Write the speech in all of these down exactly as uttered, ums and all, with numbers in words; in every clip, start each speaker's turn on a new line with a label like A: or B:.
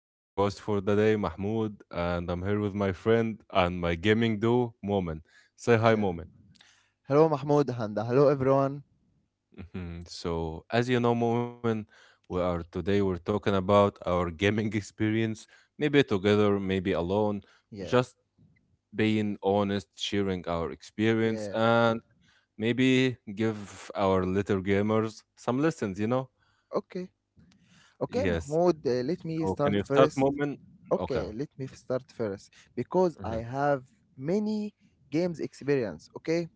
A: I'm your host for the day, Mahmoud, and I'm here with my friend and my gaming duo, Moment. Say hi,
B: Yeah.
A: Moment.
B: Hello, Mahmoud, and hello, everyone.
A: Mhm. So, as you know, Moment, we are today we're talking about our gaming experience, maybe together, maybe alone,
B: Yeah,
A: just being honest, sharing our experience,
B: yeah.
A: and maybe give our little gamers some lessons, you know?
B: Okay, okay,
A: Yes.
B: Mahmoud. Uh, let me
A: So, can
B: start
A: you start,
B: first.
A: Moment? Okay.
B: Okay, let me start first because I
A: Mm-hmm.
B: have many games experience. Okay,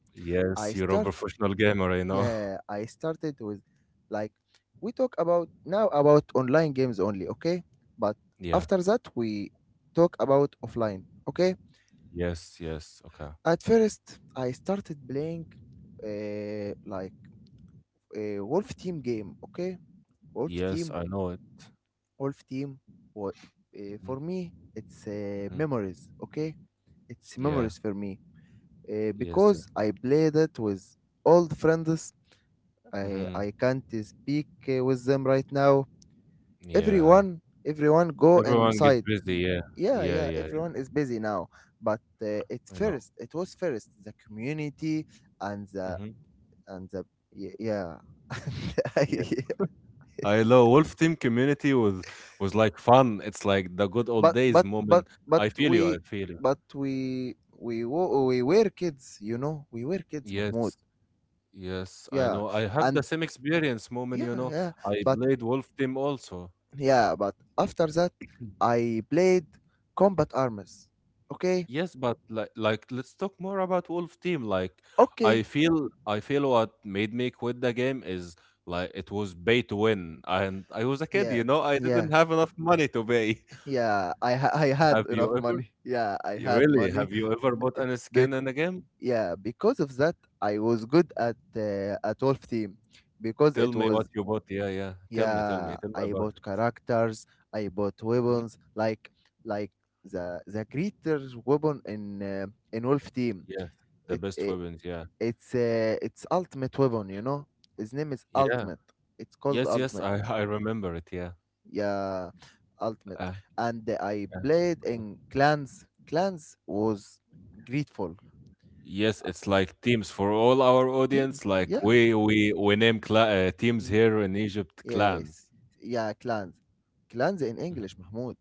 B: I
A: Yes, you're a
B: start.
A: professional gamer, I know.
B: Yeah, I started with, like, we talk about now about online games only. Okay, but
A: Yeah.
B: after that we talk about offline. Okay,
A: Yes, yes. Okay.
B: at first I started playing uh, like a Wolf Team game. Okay. Wolf
A: Yes,
B: Team,
A: I know it.
B: Wolf Team, wa- uh,
A: Hmm.
B: for me, it's uh,
A: Hmm.
B: memories, okay? It's
A: Yeah.
B: memories for me uh,
A: Yes, yeah.
B: because I played it with old friends. I
A: Hmm.
B: I can't speak uh, with them right now.
A: Yeah.
B: Everyone, everyone go
A: Everyone gets
B: inside.
A: busy. Yeah.
B: Yeah,
A: Yeah,
B: yeah,
A: yeah. Yeah.
B: everyone is busy now. But uh, it
A: I know.
B: first, it was first the community and the
A: Hmm.
B: and the y- yeah
A: Yes. I know. Wolf Team community was was like fun. It's like the good old
B: but
A: days,
B: but but
A: Moment.
B: but
A: I feel you. I
B: we
A: feel you.
B: but we we wo- we were kids, you know we were kids, Mahmoud.
A: Yes. Yes, I
B: Yeah.
A: know. I have
B: And,
A: the same experience, moment,
B: yeah,
A: you know.
B: yeah,
A: I
B: but,
A: played Wolf Team also.
B: yeah, but after that I played Combat Arms. Okay.
A: Yes, but like, like let's talk more about Wolf Team. Like
B: Okay,
A: I feel I feel what made me quit the game is like it was pay to win and I was a kid,
B: yeah,
A: you know, I
B: yeah,
A: didn't have enough money to pay.
B: yeah. i ha- I had
A: Have
B: enough
A: you ever
B: money. Yeah, I
A: you
B: had
A: really
B: money.
A: have you ever bought any
B: Bec-
A: skin in a game?
B: yeah, because of that I was good at uh, at wolf Team because
A: Tell
B: it
A: me
B: was.
A: what you bought. Yeah, yeah. Tell me, tell
B: Yeah,
A: me, tell me
B: I
A: about
B: bought
A: it.
B: characters, I bought
A: Mhm.
B: weapons, like, like the the greater weapon in uh, in wolf Team.
A: Yes, the
B: it,
A: best
B: it
A: weapons, yeah.
B: it's uh, it's ultimate weapon, you know his name is
A: Yeah.
B: ultimate, it's called
A: Yes, yes,
B: ultimate.
A: I I remember it, yeah.
B: Yeah, ultimate.
A: Uh,
B: And I
A: yeah.
B: played in clans. Clans was grateful
A: Yes, it's like teams for all our
B: team.
A: audience. Like
B: Yeah,
A: we we we name cla- uh, teams
B: yeah,
A: here in Egypt
B: yeah, yes,
A: clans.
B: yeah. Clans. Clans in English,
A: Mhm.
B: Mahmoud.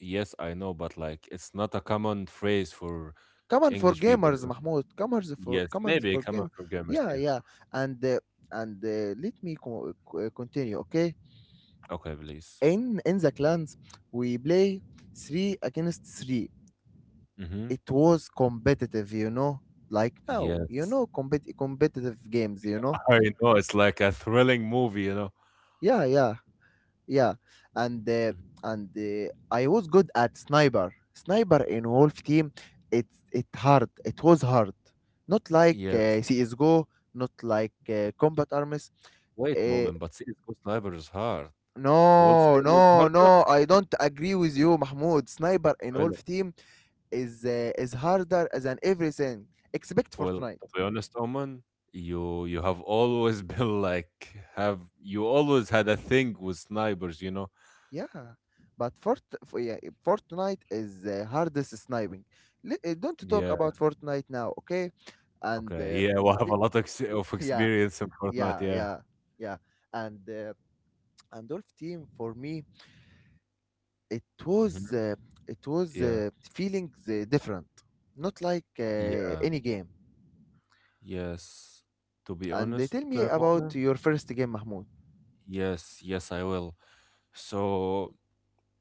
A: Yes, I know, but like it's not a common phrase for
B: Common for
A: English people. You
B: gamers,
A: know?
B: Mahmoud. Common for,
A: Yes,
B: common
A: maybe
B: for
A: common
B: game.
A: for gamers.
B: Yeah,
A: Yeah.
B: yeah. And uh, and uh, let me co- co- uh, continue, okay?
A: Okay, please.
B: In in the clans we play three against three.
A: Mm-hmm.
B: It was competitive, you know like now, you
A: Yes,
B: know compet- competitive games, you know
A: I know. It's like a thrilling movie. You know.
B: Yeah, yeah, yeah. and uh,
A: Mhm.
B: and uh, I was good at sniper sniper in Wolf Team. it it hard it was hard, not like
A: Yes.
B: uh, CS:GO, not like uh, Combat Arms.
A: Wait,
B: uh,
A: Moment, but C S:G O Sniper is hard. Wolf
B: no,
A: Team was
B: no,
A: harder.
B: no, I don't agree with you, Mahmoud. Sniper in Wolf Team is uh, is harder than everything except
A: Well,
B: Fortnite.
A: to be honest, Oman, you you have always been like, have you always had a thing with snipers, you know?
B: Yeah, but Fort, f- yeah, Fortnite is the hardest sniping. Li- uh, Don't talk
A: Yeah.
B: about Fortnite now, okay? and
A: Okay.
B: uh,
A: Yeah, we have
B: li-
A: a lot of, ex- of
B: yeah,
A: experience in
B: yeah,
A: Fortnite. Yeah.
B: yeah, yeah. and uh, and Dolph team for me, it was
A: Hmm.
B: uh, it was
A: Yeah.
B: uh, feelings uh, different, not like uh,
A: Yeah.
B: any game.
A: Yes. To be
B: And they
A: honest,
B: tell me
A: uh,
B: about
A: moment.
B: your first game, Mahmoud.
A: Yes. Yes, I will. So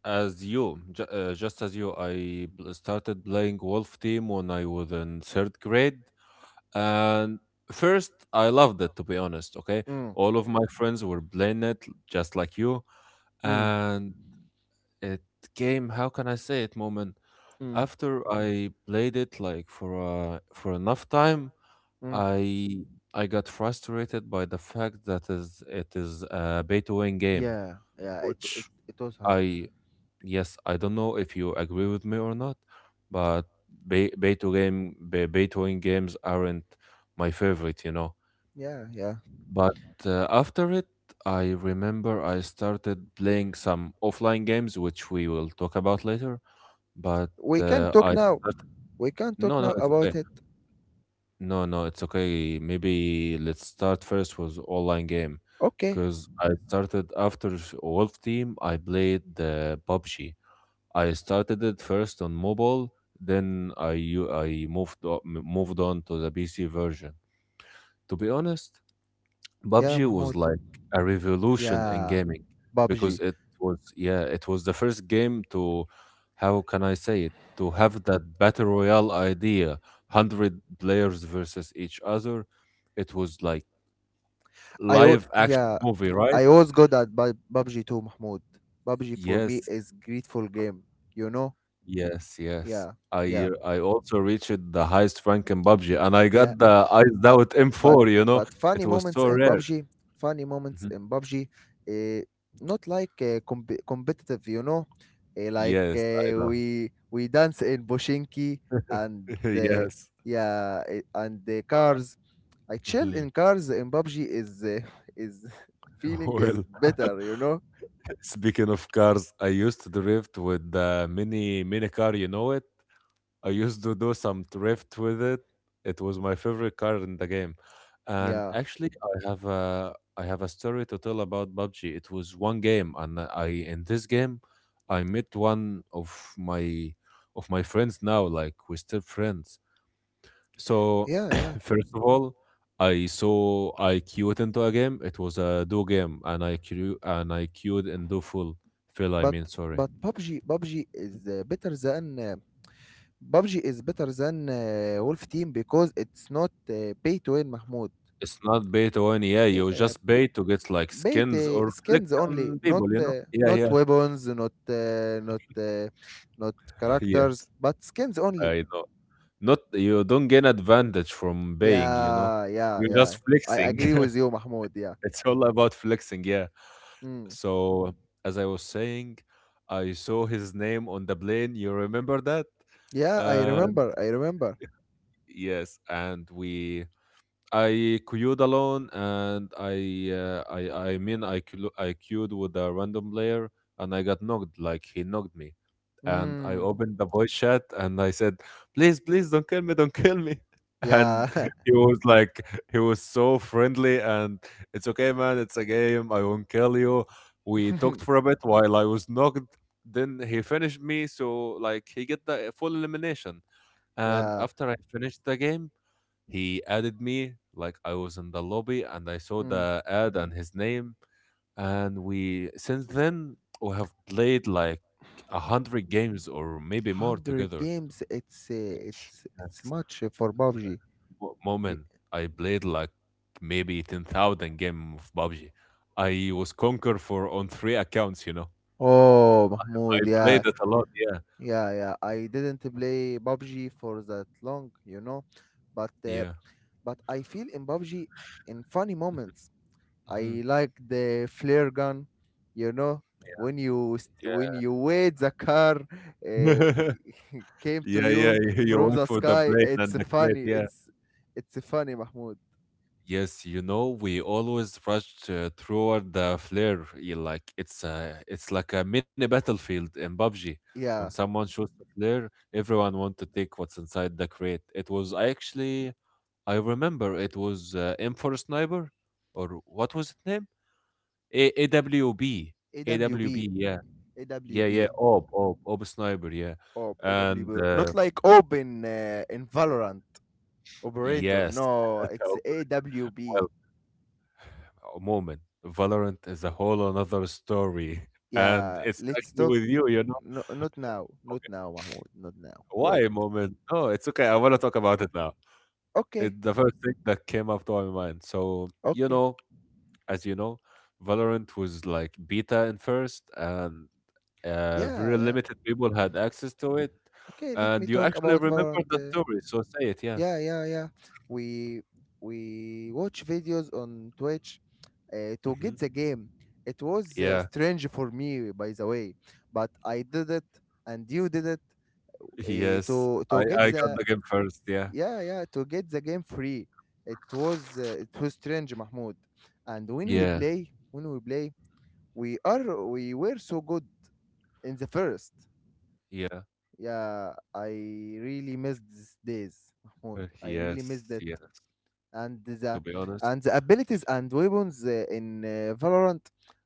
A: as you, ju- uh, just as you, I bl- started playing Wolf Team when I was in third grade. And first, I loved it, to be honest. Okay.
B: Mm.
A: All of my friends were playing it just like you.
B: Mm.
A: And it came, how can I say it, moment?
B: Mm.
A: After I played it like for uh, for enough time,
B: Mm.
A: I I got frustrated by the fact that is it is a pay to win game,
B: Yeah, yeah. It, it
A: which
B: it was hard.
A: I yes, I don't know if you agree with me or not, but pay, pay to game pay to win games aren't my favorite, you know
B: Yeah, yeah,
A: but uh, after it, I remember I started playing some offline games, which we will talk about later. But
B: we can
A: uh,
B: talk
A: I
B: now
A: started.
B: we can talk
A: No, no,
B: now
A: it's okay.
B: about it,
A: No, no, it's okay. Maybe let's start first with online game,
B: okay?
A: because I started after s- Wolf Team. I played the PUBG. I started it first on mobile. Then I u- I moved o- m- moved on to the P C version. To be honest,
B: Yeah,
A: PUBG was
B: Mahmoud.
A: like a revolution in
B: Yeah,
A: gaming because
B: P U B G.
A: it was yeah it was the first game to, how can I say it, to have that battle royale idea. One hundred players versus each other. It was like
B: I al-
A: live action
B: yeah,
A: movie,
B: I
A: right?
B: always got at Bu- P U B G too, Mahmoud. P U B G for me
A: yes
B: is grateful game, you know?
A: yes yes
B: Yeah, yeah,
A: I uh, I also reached the highest rank in PUBG and I
B: yeah.
A: got the eyes
B: But
A: out
B: but
A: M4 you know
B: but
A: it
B: funny
A: was
B: moments
A: so
B: in
A: rare.
B: P U B G, funny moments
A: Mhm.
B: in P U B G, uh, not like uh, comp- competitive, you know? Uh, like,
A: Yes, I
B: uh,
A: know.
B: we we dance in Boshinki, and uh,
A: Yes.
B: yeah, eh, and the
A: Uh,
B: cars. I chill
A: mhm.
B: in cars in P U B G, is uh, is feeling is
A: Well,
B: better, you know?
A: speaking of cars, I used to drift with the mini mini car, you know it. I used to do some drift with it. It was my favorite car in the game. And
B: Yeah.
A: actually, I have a I have a story to tell about PUBG. It was one game, and I in this game, I met one of my of my friends now. Like we're still friends. So,
B: Yeah, yeah.
A: first of all, I saw I queued into a game. It was a do game, and I queued and I queued in do full fill, I
B: But
A: mean, sorry,
B: but P U B G P U B G is uh, better than uh, P U B G is better than uh, Wolf Team because it's not uh, pay to win, Mahmoud.
A: it's not pay to win. Yeah, you
B: Yeah,
A: just pay to get like
B: pay
A: skins
B: to
A: or flex
B: skins only,
A: on
B: not
A: people. You know?
B: uh,
A: Yeah,
B: not
A: yeah,
B: weapons, not uh, not uh, not characters,
A: yes.
B: but skins only.
A: I know. Not, you don't gain advantage from paying. You know,
B: Yeah, yeah,
A: you're
B: yeah.
A: just
B: I
A: flexing.
B: agree with you, Mahmoud. Yeah.
A: It's all about flexing. Yeah.
B: Mm.
A: So as I was saying, I saw his name on the plane. You remember that?
B: Yeah, I
A: Uh,
B: remember. I remember.
A: Yes, and we I queued alone, and I uh, I I mean I queu- I queued with a random player, and I got knocked. Like he knocked me, and I
B: Mm.
A: opened the voice chat, and I said, "Please, please, don't kill me, don't kill me." And
B: Yeah.
A: he was like, he was so friendly, and, "It's okay, man. It's a game. I won't kill you." We talked for a bit while I was knocked. Then he finished me, so like he get the full elimination. And
B: Yeah.
A: after I finished the game, he added me, like I was in the lobby and I saw
B: Mm.
A: the ad and his name. And we, since then, we have played like a hundred games or maybe more
B: one hundred
A: together.
B: games, it's uh, it's it's
A: That's
B: much for P U B G.
A: mo-
B: Y-
A: moment I played like maybe ten thousand game of PUBG. I was conquer for on three accounts, you know.
B: oh,
A: I
B: Mahmoud, yeah,
A: played it a lot, yeah.
B: yeah, yeah, I didn't play P U B G for that long, you know but uh,
A: Yeah.
B: but I feel in P U B G, in funny moments,
A: Mhm.
B: I like the flare gun, you know when you st- when
A: Yeah.
B: you wait the car uh, came to
A: Yeah. Yeah,
B: you
A: yeah. You
B: from
A: went
B: the
A: for the
B: sky.
A: plane
B: It's
A: and the crate,
B: funny,
A: yeah.
B: it's it's funny, Mahmoud.
A: Yes, you know, we always rush uh, toward the flare. Yeah, like it's a, it's like a mini battlefield in PUBG. When
B: Yeah.
A: someone shoots a flare, everyone want to take what's inside the crate. It was actually, I remember it was uh, M four Sniper, or what was its name? A- AWB,
B: A W B,
A: A W B. Yeah,
B: A W
A: yeah, yeah.
B: B.
A: Ob, Ob, Ob Sniper. Yeah,
B: Orb,
A: and
B: A W.
A: uh,
B: Not like open in, uh, in Valorant operator.
A: yes,
B: No, it's A W B.
A: Moment, Valorant is a whole another story and
B: Yeah,
A: it's
B: let's
A: actually
B: talk.
A: with you, you know.
B: No, not now. Not now, Mahmoud. Not now.
A: Why,
B: Wait.
A: Moment? No, it's okay. I want to
B: Oh,
A: talk about it now.
B: okay.
A: It's the first thing that came up to my mind. So, you
B: Okay.
A: know, as you know, Valorant was like beta in first, and uh,
B: yeah,
A: very
B: yeah.
A: limited people had access to it.
B: Okay, let me
A: And you
B: talk
A: actually
B: about
A: remember
B: Valorant.
A: the
B: Uh,
A: story, so say it, yeah.
B: yeah, yeah, yeah. We we watch videos on Twitch uh, to get the
A: Hmm.
B: game. It was uh,
A: Yeah.
B: strange for me, by the way, but I did it, and you did it, eh,
A: Yes.
B: to
A: I
B: to get
A: I got
B: the,
A: the game first, yeah.
B: yeah, yeah, to get the game free. It was uh, it was strange, Mahmoud. And when we
A: Yeah.
B: play, when we play we are, we were so good in the first.
A: Yeah.
B: Yeah, I really missed these days, Mahmoud.
A: Uh,
B: I really
A: Yes,
B: missed it.
A: yeah.
B: And the,
A: To be honest,
B: and the abilities and weapons uh, in uh, Valorant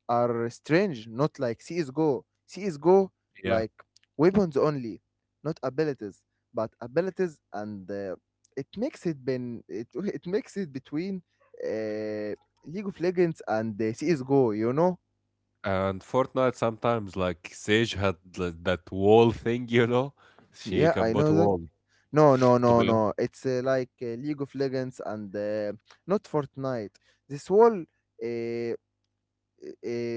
B: are strange, not like CS:GO. CS:GO,
A: yeah,
B: like, weapons only, not abilities, but abilities and uh, it makes it been it it makes it between uh, League of Legends and uh, C S:GO. You know?
A: and Fortnite sometimes like Sage had like, that wall thing, you know. She
B: Yeah, I
A: can put
B: know that.
A: wall
B: No, no,
A: to
B: no,
A: be hon-
B: no. It's uh, like uh, League of Legends and uh, not Fortnite. This wall, uh, uh,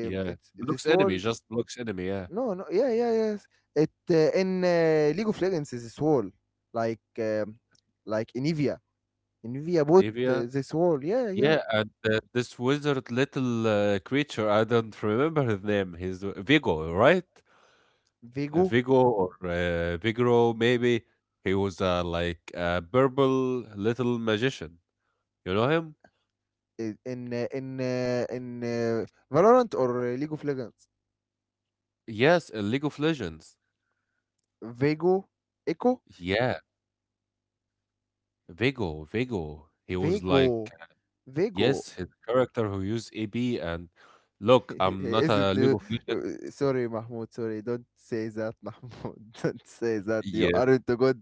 A: yeah, blocks
B: this wall.
A: enemy, just blocks enemy. Yeah.
B: No, no, yeah, yeah, yes. It, uh, in uh, League of Legends is this wall, like, um, like in Evia, bought
A: Nivea.
B: uh, this wall. Yeah, yeah.
A: Yeah, and uh, this wizard little uh, creature, I don't remember his name. He's uh, Vigo, right? Uh,
B: Vego.
A: Vigo or uh, Vigro, maybe. He was uh, like a purple little magician. You know him?
B: I- in uh, in uh, in uh, Valorant or uh, League of Legends?
A: Yes, in League of Legends.
B: Vego, Echo,
A: Yeah, Vigo, Vigo. He was like.
B: Vego, Vego.
A: Yes, his character who used A B and look, I'm not
B: Is it?
A: a League
B: Uh,
A: of
B: uh,
A: Legends expert.
B: Sorry, Mahmoud. Sorry, don't say that, Mahmoud. Don't say that. You
A: Yeah,
B: aren't good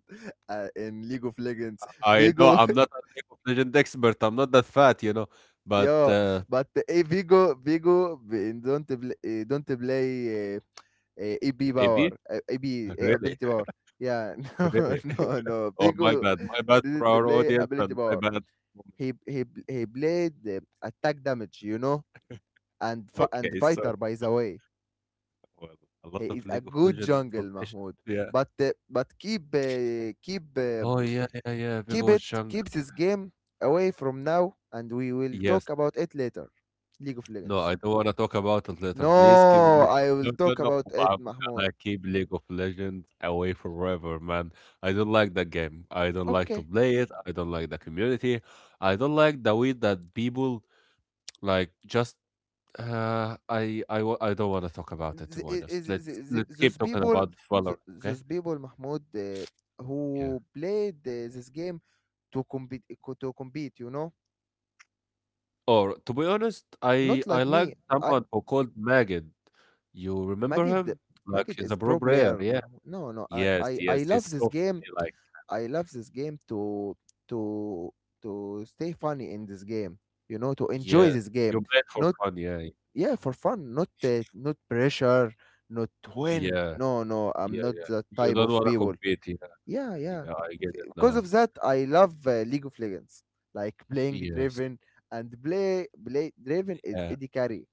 B: uh, in League of Legends.
A: I know
B: Vigo.
A: I'm not a League of Legends expert. I'm not that fat, you know. But
B: Yeah,
A: uh,
B: but, eh, Vigo, Vigo b- don't play, eh, don't play uh, A B
A: A B,
B: power, uh, A B, eh,
A: really,
B: ability power. Yeah, no,
A: really.
B: no, no.
A: Oh, my
B: Vigo
A: bad, my bad for
B: didn't
A: our
B: play
A: audience
B: ability
A: and my
B: power.
A: bad. For me.
B: He he he played, eh, attack damage, you know, and fi- and
A: Okay,
B: fighter.
A: so,
B: By the way,
A: well, a
B: he
A: lot of
B: is a
A: League of
B: good
A: Legends
B: jungle,
A: information.
B: Mahmoud.
A: Yeah.
B: But, eh, but keep, uh, keep uh,
A: Oh yeah, yeah, yeah. Big
B: keep
A: old
B: it
A: Chung.
B: keep this game away from now, and we will
A: Yes.
B: talk about it later. League of
A: No,
B: Legends.
A: I don't wanna talk about it later. Please keep
B: No,
A: Le-
B: I
A: no,
B: will
A: no,
B: talk
A: no.
B: about it,
A: I'm
B: Mahmoud.
A: gonna keep League of Legends away forever, man. I don't like that game. I don't like to
B: Okay.
A: play it. I don't like the community. I don't like the way that people like just uh I I wa- I don't want to talk about it, to be
B: Th- i-
A: honest.
B: i- th-
A: Let's
B: th- th-
A: let's keep
B: Those
A: talking
B: people,
A: about Valorant,
B: th-
A: okay?
B: those people, Mahmoud, uh,
A: Yeah.
B: who played uh, this game to compete, eh, co- to compete, you know,
A: Or to be honest, I
B: not
A: I
B: like
A: like
B: me. I
A: someone who called Magid. You remember
B: Magid,
A: him? Like
B: Magid
A: he's a
B: is
A: pro
B: pro
A: player,
B: player,
A: yeah.
B: Mahmoud. No, no, I,
A: Yes,
B: I, I
A: yes. He's
B: love this
A: so
B: game.
A: funny. Like,
B: I love this game to, to to stay funny in this game, you know, to enjoy
A: yeah,
B: this game,
A: you play for
B: not,
A: fun, yeah,
B: yeah, for fun, not uh, not pressure, not win,
A: yeah,
B: no, no,
A: yeah,
B: I'm not
A: yeah.
B: that
A: You
B: type
A: don't
B: of
A: want to
B: people.
A: compete, yeah,
B: Yeah, yeah,
A: yeah. I get it
B: because
A: now.
B: of that I love uh, League of Legends, like playing
A: Yes,
B: Draven, and play play Draven is
A: yeah.
B: Eddie carry.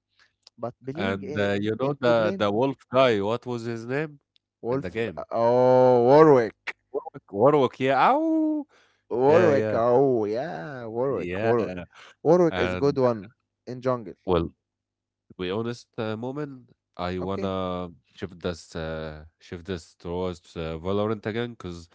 B: But playing
A: And uh, you
B: uh,
A: know
B: into
A: the
B: playing
A: the wolf guy, what was his name in the
B: wolf.
A: game?
B: Oh, Warwick.
A: Warwick, Warwick, yeah. Ow, yeah,
B: Warwick,
A: yeah,
B: oh, yeah, Warwick,
A: yeah.
B: warwick warwick is good
A: And
B: one in jungle.
A: well, to be honest, uh, moment, I
B: Okay,
A: wanna shift this, uh, shift this towards uh, Valorant again, because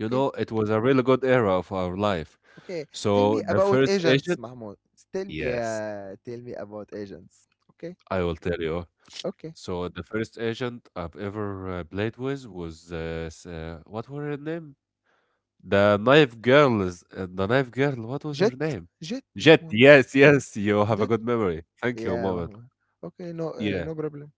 A: you know it was a really good era of our life.
B: Okay, tell
A: So
B: me
A: the
B: about
A: first
B: agents,
A: agent,
B: Mahmoud. Tell me,
A: yes.
B: yeah, tell me about agents. Okay,
A: I will tell you.
B: okay.
A: So the first agent I've ever uh, played with was uh, s- uh, what were her name? The knife girl is uh, the knife girl. What was her
B: Jet,
A: name?
B: Jet,
A: Jet.
B: Mahmoud.
A: Yes, yes. You have a
B: Jet,
A: good memory. Thank you,
B: yeah,
A: Moment.
B: Mahmoud. Okay, no, uh,
A: Yeah.
B: no problem.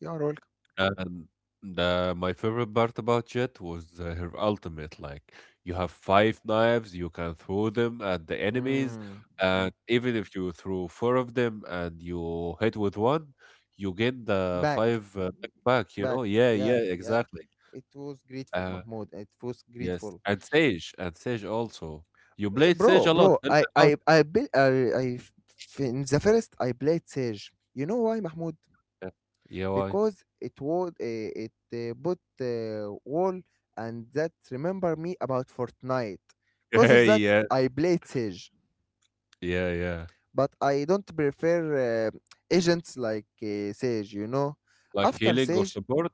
B: You are welcome.
A: And the my favorite part about Jet was uh, her ultimate. Like you have five knives, you can throw them at the enemies,
B: Mm. Mm.
A: and even if you throw four of them and you hit with one, you get the
B: Back,
A: five uh, back. You
B: back.
A: know? Yeah,
B: Yeah,
A: yeah,
B: yeah.
A: exactly.
B: It was grateful,
A: Uh,
B: Mahmoud. It was
A: yes,
B: grateful.
A: and Sage, and Sage also. You
B: Eh,
A: played Sage
B: bro,
A: a lot.
B: bro.
A: Tell me
B: I,
A: about
B: I, I, built, I, I f- In the first I played Sage. You know why, Mahmoud?
A: it. Yeah, why?
B: Because it would, uh, it uh, put uh, wall, and that remember me about Fortnite. Because
A: Yeah,
B: of that,
A: yeah,
B: I played Sage,
A: yeah, yeah.
B: but I don't prefer uh, agents like uh, Sage. You know,
A: Like
B: after
A: healing or
B: Sage,
A: support?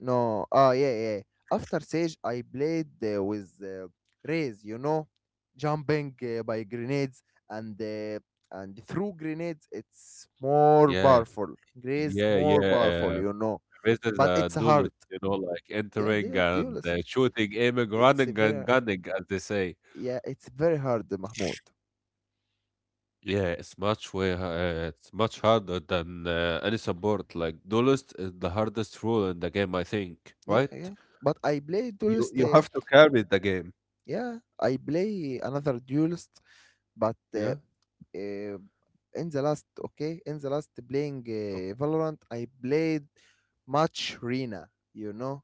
B: no, ah, yeah, yeah. Yeah. After Sage, I played uh, with uh, Raze. You know, jumping uh, by grenades and. Uh, and through grenades it's more
A: Yeah,
B: powerful. Grace
A: yeah,
B: more powerful,
A: yeah.
B: you know,
A: Raised as
B: but
A: a,
B: it's hard.
A: you know, like
B: Yeah,
A: entering
B: dual,
A: and uh,
B: duelist.
A: shooting, aiming,
B: It's a
A: running
B: very,
A: and gunning, as they say.
B: yeah, it's very hard, Mahmoud.
A: Yeah, it's much way, uh, it's much harder than uh, any support. Like duelist is the hardest rule in the game, I think,
B: Yeah,
A: right?
B: yeah. But I play
A: You
B: duelist.
A: you
B: Uh,
A: have to carry the game.
B: yeah, I play another duelist, but uh,
A: Yeah.
B: uh, in the last, okay, in the last playing
A: Okay.
B: uh, Valorant, I played much Rina. You know,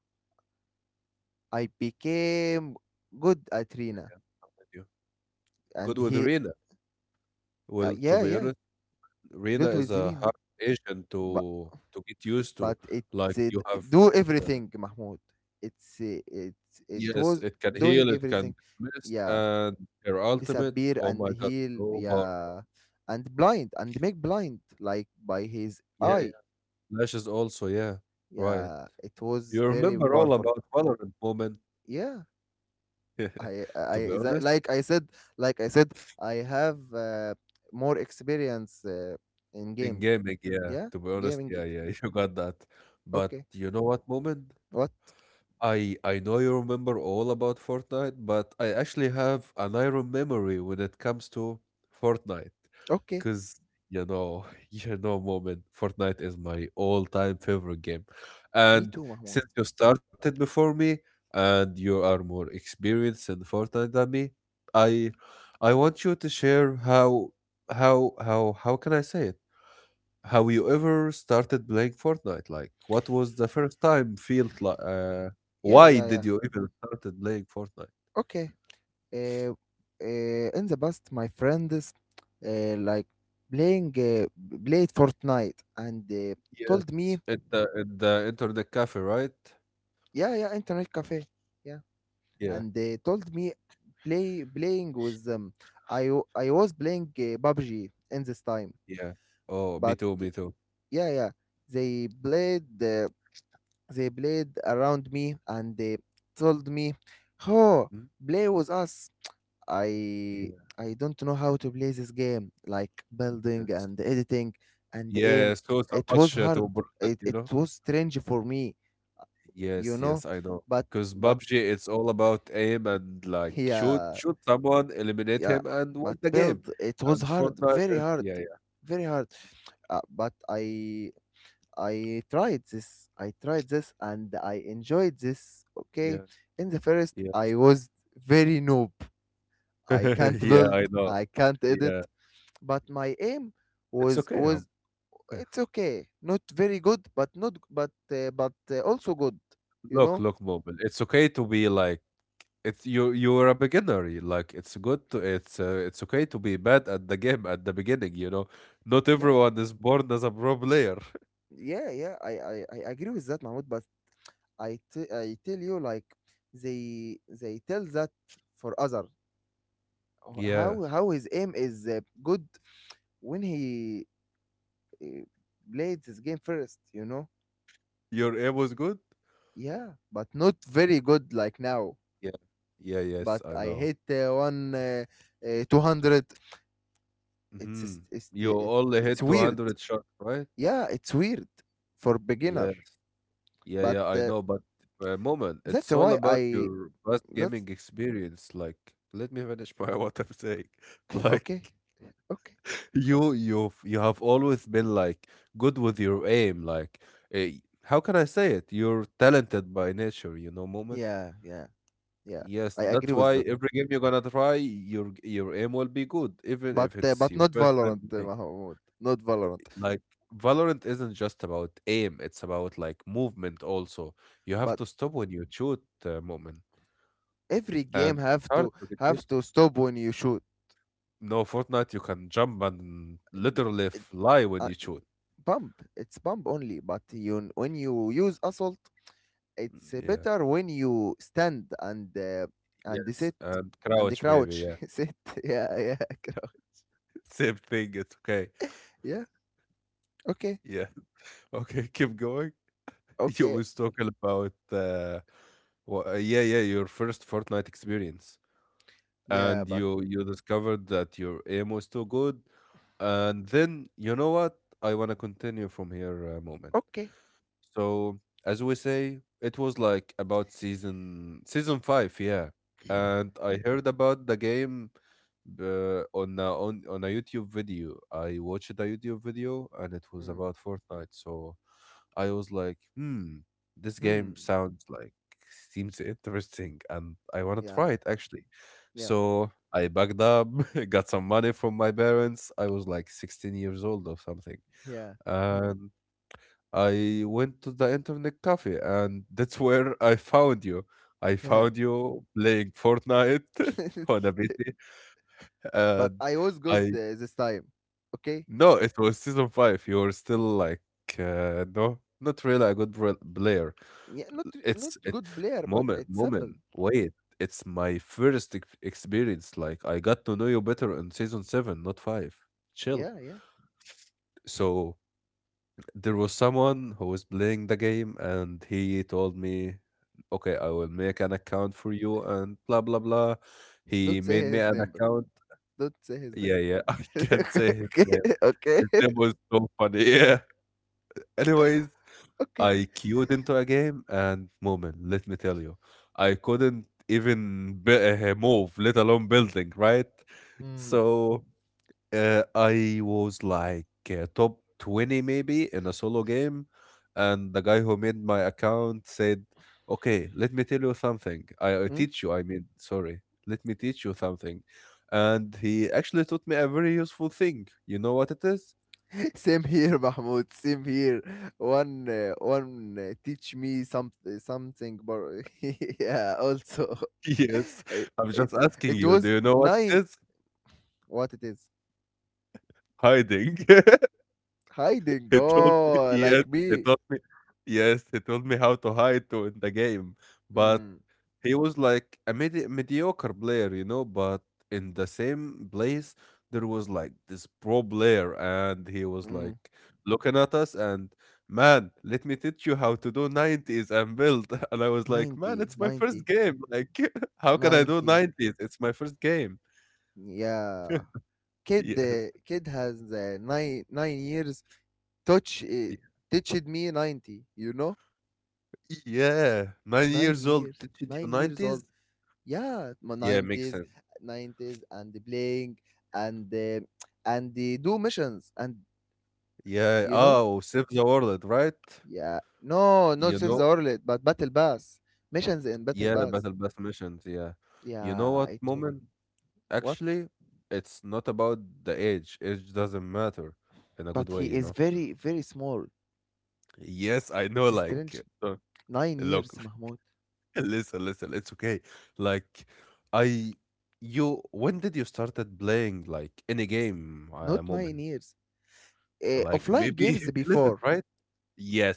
B: I became good at Rina,
A: with You You
B: and
A: good with
B: he,
A: Rina?
B: uh,
A: Well, to
B: yeah,
A: be
B: yeah,
A: honest, Rina
B: good
A: is
B: with
A: a
B: Rina.
A: hard agent to to get used
B: But
A: to.
B: it's
A: Like
B: uh,
A: you have.
B: do
A: this, uh,
B: everything, Mahmoud. It's uh, it's it
A: Yes,
B: was
A: it can
B: doing
A: heal, it
B: everything.
A: can dismiss,
B: Yeah,
A: and their ultimate,
B: disappear
A: oh
B: and
A: my god,
B: heal.
A: so powerful.
B: Yeah, and blind, and make blind, like, by his
A: Yeah, yeah.
B: eye.
A: Lashes also, yeah. Right.
B: Yeah, it was
A: You
B: very
A: remember all
B: powerful.
A: about Valorant, Moment.
B: Yeah, I I
A: To be
B: that,
A: honest,
B: like I said, like I said I have uh, more experience uh, in
A: in
B: games.
A: gaming, yeah.
B: Yeah,
A: To be honest,
B: gaming
A: yeah,
B: gig.
A: yeah, you got that. But
B: Okay,
A: you know what, Moment?
B: what?
A: I I know you remember all about Fortnite, but I actually have an iron memory when it comes to Fortnite.
B: Okay,
A: Cause you know, you know, Moment, Fortnite is my all-time favorite game.
B: me
A: And
B: too, Mahmoud.
A: since you started before me and you are more experienced in Fortnite than me, I I want you to share how how how how can I say it? How you ever started playing Fortnite? Like, what was the first time felt like? Uh,
B: Yeah,
A: why
B: yeah, yeah.
A: did you even started playing Fortnite?
B: Okay, uh, uh, in the past my friends, uh, like playing uh, played Fortnite and uh,
A: Yes,
B: told me.
A: at the at the internet cafe, right?
B: Yeah, yeah, internet cafe. Yeah,
A: Yeah,
B: and they told me, play, playing with them. I w- I was playing uh, P U B G in this time,
A: yeah. Oh, me
B: but,
A: too, me too.
B: yeah, yeah, they played uh, they played around me, and they told me, oh,
A: Mm,
B: play with us. I
A: yeah,
B: I don't know how to play this game, like, building
A: yes,
B: and editing and
A: yeah.
B: aim.
A: So so
B: It was
A: much uh,
B: hard.
A: to process,
B: It
A: you
B: it
A: know.
B: was strange for me,
A: Yes,
B: you
A: yes,
B: know.
A: I know.
B: But
A: Because
B: but
A: P U B G, it's all about aim and like shoot,
B: yeah,
A: shoot someone, eliminate
B: yeah.
A: him, and win
B: But
A: the
B: build,
A: game.
B: it was
A: And
B: hard,
A: Fortnite,
B: very
A: it,
B: hard,
A: yeah,
B: very hard. Uh, but I I tried this. I tried this and I enjoyed this. Okay.
A: yeah,
B: In the first,
A: yeah, yes.
B: I was very noob. I can't
A: Yeah,
B: build.
A: I know.
B: I can't edit.
A: Yeah.
B: But my aim
A: It's
B: was
A: okay,
B: was
A: um, yeah.
B: it's okay, not very good, but not but uh, but uh, also good you
A: Look,
B: know
A: look, Mu'min, it's okay to be like it's you you're a beginner. you- Like it's good to it's uh, it's okay to be bad at the game at the beginning, you know. Not
B: no
A: everyone is born as a pro player.
B: Yeah, yeah, i i, I agree with that, Mahmoud. But i t- I tell you, like they they tell that for other. Ho-
A: Yeah.
B: how how his aim is uh, good when he uh, played this game first you know
A: Your aim was good?
B: Yeah, but not very good like now.
A: Yeah. Yeah, yes,
B: But
A: I
B: I
A: know.
B: hit uh, one uh, uh, two hundred. it's s-
A: Hmm.
B: it's
A: You
B: the- it's
A: only
B: it's
A: hit
B: weird.
A: two hundred shots, right?
B: Yeah, it's weird for beginner,
A: Yes. Yeah,
B: but
A: yeah, I
B: uh,
A: know, but uh, Moment, it's
B: that's
A: all
B: why
A: about
B: I
A: your past
B: that's
A: gaming experience. Like, let me finish my what I'm saying. Like,
B: okay. Okay.
A: you, you, you have always been like good with your aim. Like, uh, how can I say it? You're talented by nature, you know, Moment.
B: Yeah, yeah, yeah.
A: Yes,
B: I
A: that's
B: agree with
A: why
B: that.
A: every game you're gonna try, your your aim will be good, even
B: But
A: if
B: uh,
A: it's
B: but
A: your
B: not
A: first
B: Valorant,
A: time
B: uh,
A: playing.
B: Mahmoud. Not Valorant.
A: Like, Valorant isn't just about aim; it's about like movement also. You have
B: But
A: to stop when you shoot uh, Moment.
B: every game
A: And it's
B: have
A: hard
B: to
A: to get
B: have
A: used to.
B: to stop when you shoot.
A: No, Fortnite, you can jump and
B: The-
A: literally
B: it-
A: fly when
B: uh,
A: you shoot.
B: Pump. It's pump only. But you when you use assault,
A: Mm,
B: it's uh,
A: yeah.
B: better when you stand and uh, and
A: Yes.
B: sit
A: And
B: and
A: crouch, maybe.
B: crouch
A: Yeah.
B: sit. Yeah, yeah, crouch.
A: Same thing. It's okay.
B: Yeah. Okay.
A: Yeah. Okay. Keep going. You
B: Okay.
A: was talking about, uh, wha- uh, yeah, yeah, your first Fortnite experience.
B: Yeah,
A: And
B: but
A: you you discovered that your aim was too good. And then, you know what? I want to continue from here, a moment.
B: okay.
A: So as we say, it was like about season season five, yeah. And I heard about the game uh, on a, on on a YouTube video. I watched a YouTube video and it was
B: Mm,
A: about Fortnite. So I was like, hmm, this
B: hmm,
A: game sounds like seems interesting, and I want to try
B: yeah,
A: it actually.
B: yeah,
A: So I backed up, got some money from my parents. I was like sixteen years old or something,
B: yeah,
A: and I went to the internet cafe, and that's where I found you. I
B: yeah.
A: found you playing Fortnite on a P C,
B: But
A: and
B: I was good
A: I
B: uh, this time. Okay.
A: no, it was season five. You were still like uh, no, not really a good re- player.
B: Yeah, not re- not
A: It's it
B: good player, but
A: Moment,
B: it's simple.
A: Moment, wait. It's my first ex- experience. Like I got to know you better in season seven, not five. Chill.
B: Yeah, yeah.
A: So there was someone who was playing the game, and he told me, okay, I will make an account for you and blah blah blah. He
B: Don't say
A: made me
B: his
A: an
B: name, but
A: account.
B: don't say his name.
A: Yeah, yeah. I can't say his
B: Okay.
A: name.
B: Okay.
A: His
B: Okay.
A: name was so funny. Yeah. Anyways,
B: Okay.
A: I queued into a game, and Moment, let me tell you, I couldn't even b- uh, move, let alone building, right? So uh, I was like uh, top twenty maybe in a solo game, and the guy who made my account said, "Okay, let me tell you something. I, I
B: Mm.
A: teach you. I mean, sorry, let me teach you something." And he actually taught me a very useful thing. You know what it is?
B: Same here, Mahmoud. Same here. One, uh, one. Uh, teach me some something, bro. Yeah. Also,
A: Yes,
B: it,
A: I'm just
B: it's...
A: asking
B: it
A: you. Do
B: was
A: you know what it
B: nine.
A: is?
B: What it is?
A: Hiding.
B: Hiding.
A: He told me.
B: Oh,
A: Yes,
B: like
A: he
B: me.
A: told me. Yes, he told me how to hide to in the game, but
B: Mm,
A: he was like a medi- mediocre player, you know, but in the same place there was like this pro player, and he was
B: mm.
A: like looking at us, and man, let me teach you how to do nineties and build. And I was like, man,
B: Ninety,
A: it's my first
B: ninety,
A: game. Like, how can I do
B: ninety.
A: nineties? It's my first game.
B: Yeah. Kid,
A: Yes.
B: uh, kid has uh, nine nine years. Touch, uh,
A: Y-
B: teached me ninety. You know,
A: Yeah. Nine
B: nine
A: years old
B: years.
A: teaching you
B: Nine years
A: nineties?
B: old. Yeah, my
A: Yeah, makes
B: nineties,
A: sense.
B: nineties, and the playing and the... and they do missions and
A: Yeah.
B: you know.
A: Oh, Save the World, right?
B: Yeah, no, not
A: You
B: save the
A: know,
B: world, but battle pass, missions in battle
A: yeah,
B: pass.
A: Battle Pass missions, yeah. You know
B: yeah
A: what,
B: it wa-
A: Moment?
B: what?
A: Actually, it's not about the age. Age doesn't matter in a good
B: But
A: way,
B: he
A: you
B: is
A: know?
B: very very small.
A: Yes, I know,
B: It's strange,
A: like, uh,
B: nine
A: look,
B: years Mahmoud.
A: listen, listen, it's okay. Like, I, you, when did you started playing, like, any game
B: Not
A: uh,
B: nine
A: Moment?
B: years Eh,
A: Like,
B: offline
A: maybe
B: games
A: eleven,
B: before.
A: right?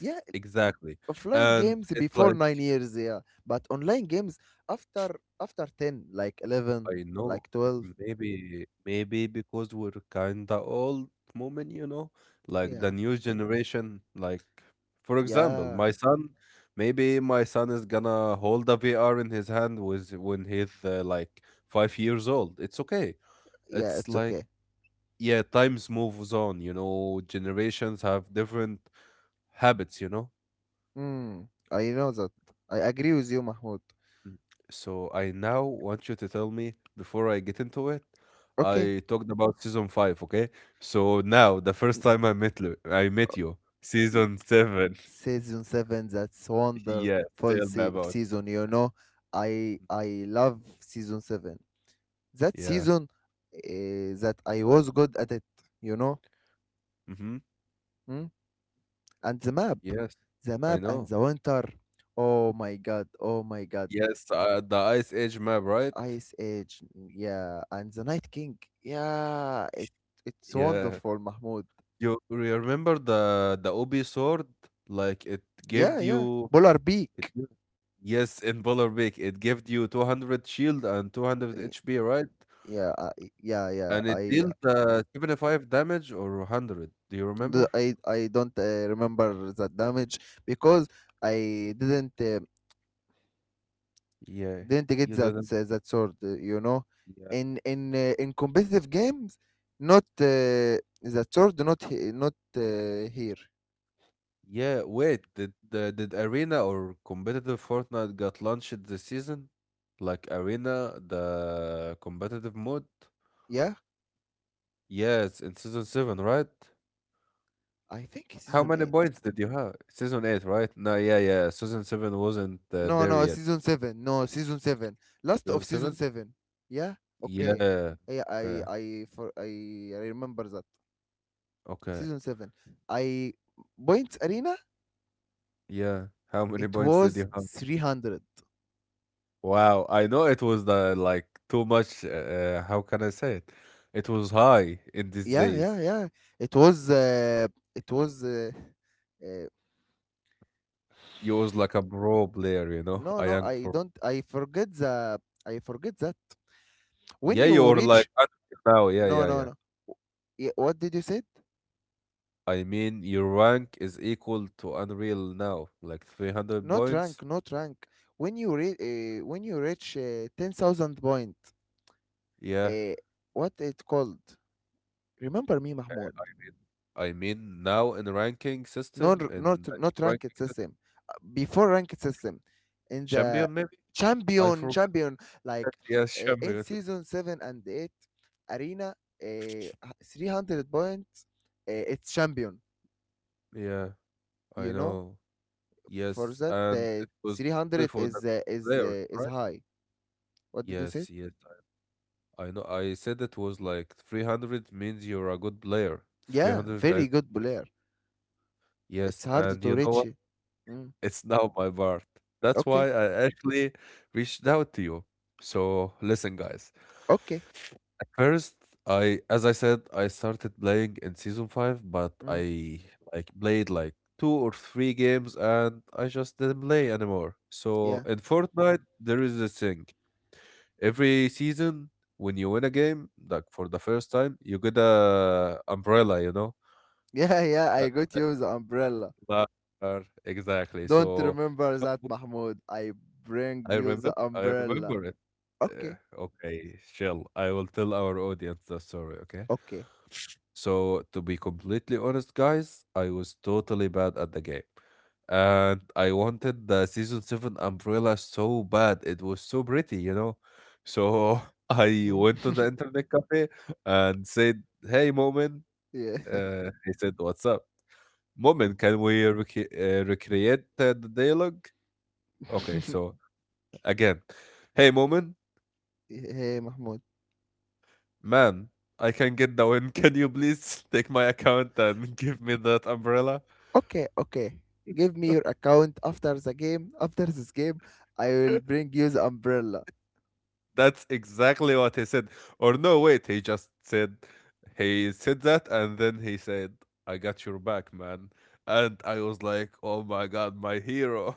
B: Yeah,
A: exactly.
B: offline
A: And
B: games
A: it's
B: before
A: like,
B: nine years. Yeah. But online games after, after ten, like eleven,
A: I know.
B: like twelve.
A: Maybe maybe because we're kinda old, Moment, you know, like the
B: Yeah.
A: new generation. Like for example,
B: Yeah,
A: my son, maybe my son is gonna hold a V R in his hand with when he's uh, like five years old. It's okay.
B: yeah,
A: It's
B: it's
A: like
B: okay.
A: yeah, times moves on, you know, generations have different habits, you know.
B: Mm, I know that. I agree with you, Mahmoud.
A: So I now want you to tell me before I get into it.
B: Okay.
A: I talked about season five, okay? So now the first
B: n-
A: time I met you, I met you, season seven.
B: Season seven. That's wonderful
A: Yes, tell me
B: se-
A: about.
B: season, you know. I I love season seven. That
A: Yeah.
B: season, uh, that I was good at it, you know.
A: Mm-hmm.
B: Mm? And the map,
A: Yes,
B: the
A: I
B: map, and
A: know.
B: the winter. Oh my God! Oh my God!
A: Yes, uh, the Ice Age map, right?
B: Ice Age. Yeah, and the Night King. Yeah, it it's
A: Yeah.
B: wonderful, Mahmoud.
A: You remember the the Obi sword? Like it
B: Yeah,
A: gave
B: yeah.
A: you.
B: Polar
A: It,
B: beak.
A: gave- yes, in Polar Beak, it gave you two hundred shield and 200
B: Y-
A: HP, right?
B: Yeah, I, yeah, yeah.
A: And it
B: I,
A: dealt uh, seventy-five damage or a hundred. Do you
B: d-
A: remember?
B: I, I don't uh, remember that damage because I didn't uh,
A: Yeah,
B: didn't get
A: you
B: that
A: didn't.
B: uh, that sword. uh, You know,
A: Yeah.
B: in in uh, in competitive games, not uh, that sword, not he- not uh, here.
A: Yeah, wait, did the did Arena or competitive Fortnite got launched this season? Like Arena, the competitive mode?
B: Yeah,
A: Yes, in season seven, right?
B: I think
A: How
B: season
A: many
B: eight.
A: points did you have? Season eight, right? No, yeah, yeah. Season seven wasn't uh,
B: No,
A: there
B: no,
A: yet.
B: season seven. No, season seven. Last of
A: Season
B: season
A: seven?
B: seven. Yeah. Okay.
A: Yeah.
B: Yeah, I
A: Okay.
B: I for I, I remember that.
A: Okay.
B: Season seven. I points arena.
A: Yeah. How many
B: It
A: points did
B: was
A: you have?
B: three hundred.
A: Wow, I know it was the like too much. Uh, how can I say it? It was high in these
B: Yeah, yeah,
A: days.
B: yeah, it was uh, it was uh, uh,
A: You was like a pro player, you know,
B: no
A: a
B: no
A: young
B: I
A: pro.
B: don't... I forget the I forget that when
A: Yeah,
B: you
A: you're like
B: reach...
A: unreal now. Yeah,
B: No,
A: yeah,
B: no,
A: yeah.
B: no. Yeah, what did you say?
A: I mean, your rank is equal to Unreal now, like three hundred
B: Not
A: points.
B: rank, not rank. When you re- uh, when you reach uh, ten thousand point.
A: Yeah,
B: uh, what it called? Remember me, Mahmoud.
A: I mean, I mean now in the ranking
B: not
A: system
B: not
A: in the
B: not
A: new
B: ranked
A: ranking system,
B: system. Uh, before ranked system in the
A: champion maybe. I
B: champion
A: forgot
B: champion
A: that.
B: Like,
A: Yeah,
B: uh, in
A: champion.
B: season seven and eight arena, uh, three hundred points, uh, it's champion,
A: Yeah, I
B: you know.
A: know.
B: For
A: Yes,
B: that
A: and
B: uh,
A: it was only
B: three hundred
A: for the good
B: is uh, is
A: players,
B: uh, is
A: right?
B: high. What did you say?
A: Yes, yes. I know. I said it was like three hundred means you're a good player.
B: Yeah,
A: three hundred
B: very
A: and
B: good player. It's
A: yes,
B: hard
A: and
B: to
A: you know
B: reach. Mm.
A: it's now my part. That's why
B: Okay.
A: I actually reached out to you. So listen, guys.
B: Okay.
A: At first, I, as I said, I started playing in season five, but
B: Mm.
A: I like played like two or three games, and I just didn't play anymore. So
B: Yeah.
A: in Fortnite, there is this thing. Every season, when you win a game, like for the first time, you get a umbrella, you know,
B: Yeah. Yeah.
A: a-
B: I got you the umbrella.
A: a- Exactly.
B: Don't
A: So
B: remember that, Mahmoud. I bring
A: I
B: you
A: remember
B: the
A: I
B: umbrella.
A: remember it. Uh,
B: Okay,
A: okay, chill. I will tell our audience the story, okay?
B: okay.
A: So, to be completely honest, guys, I was totally bad at the game. And I wanted the season seven umbrella so bad. It was so pretty, you know? So, I
B: Hmm?
A: went to the internet cafe and said, "Hey, Moment."
B: Yeah.
A: Uh, he said, "What's up?" Moment, can we rec- uh, recreate uh, the dialogue? Okay, so again, "Hey, Moment,
B: Hey, Mahmoud.
A: man, I can get the win. Can you please take my account and give me that umbrella?"
B: Okay, okay. Give me your account after the game. After this game, I will bring you the umbrella.
A: That's exactly what he said. Or no, wait, he just said, he said that, and then he said, "I got your back, man." And I was like, oh my God, my hero.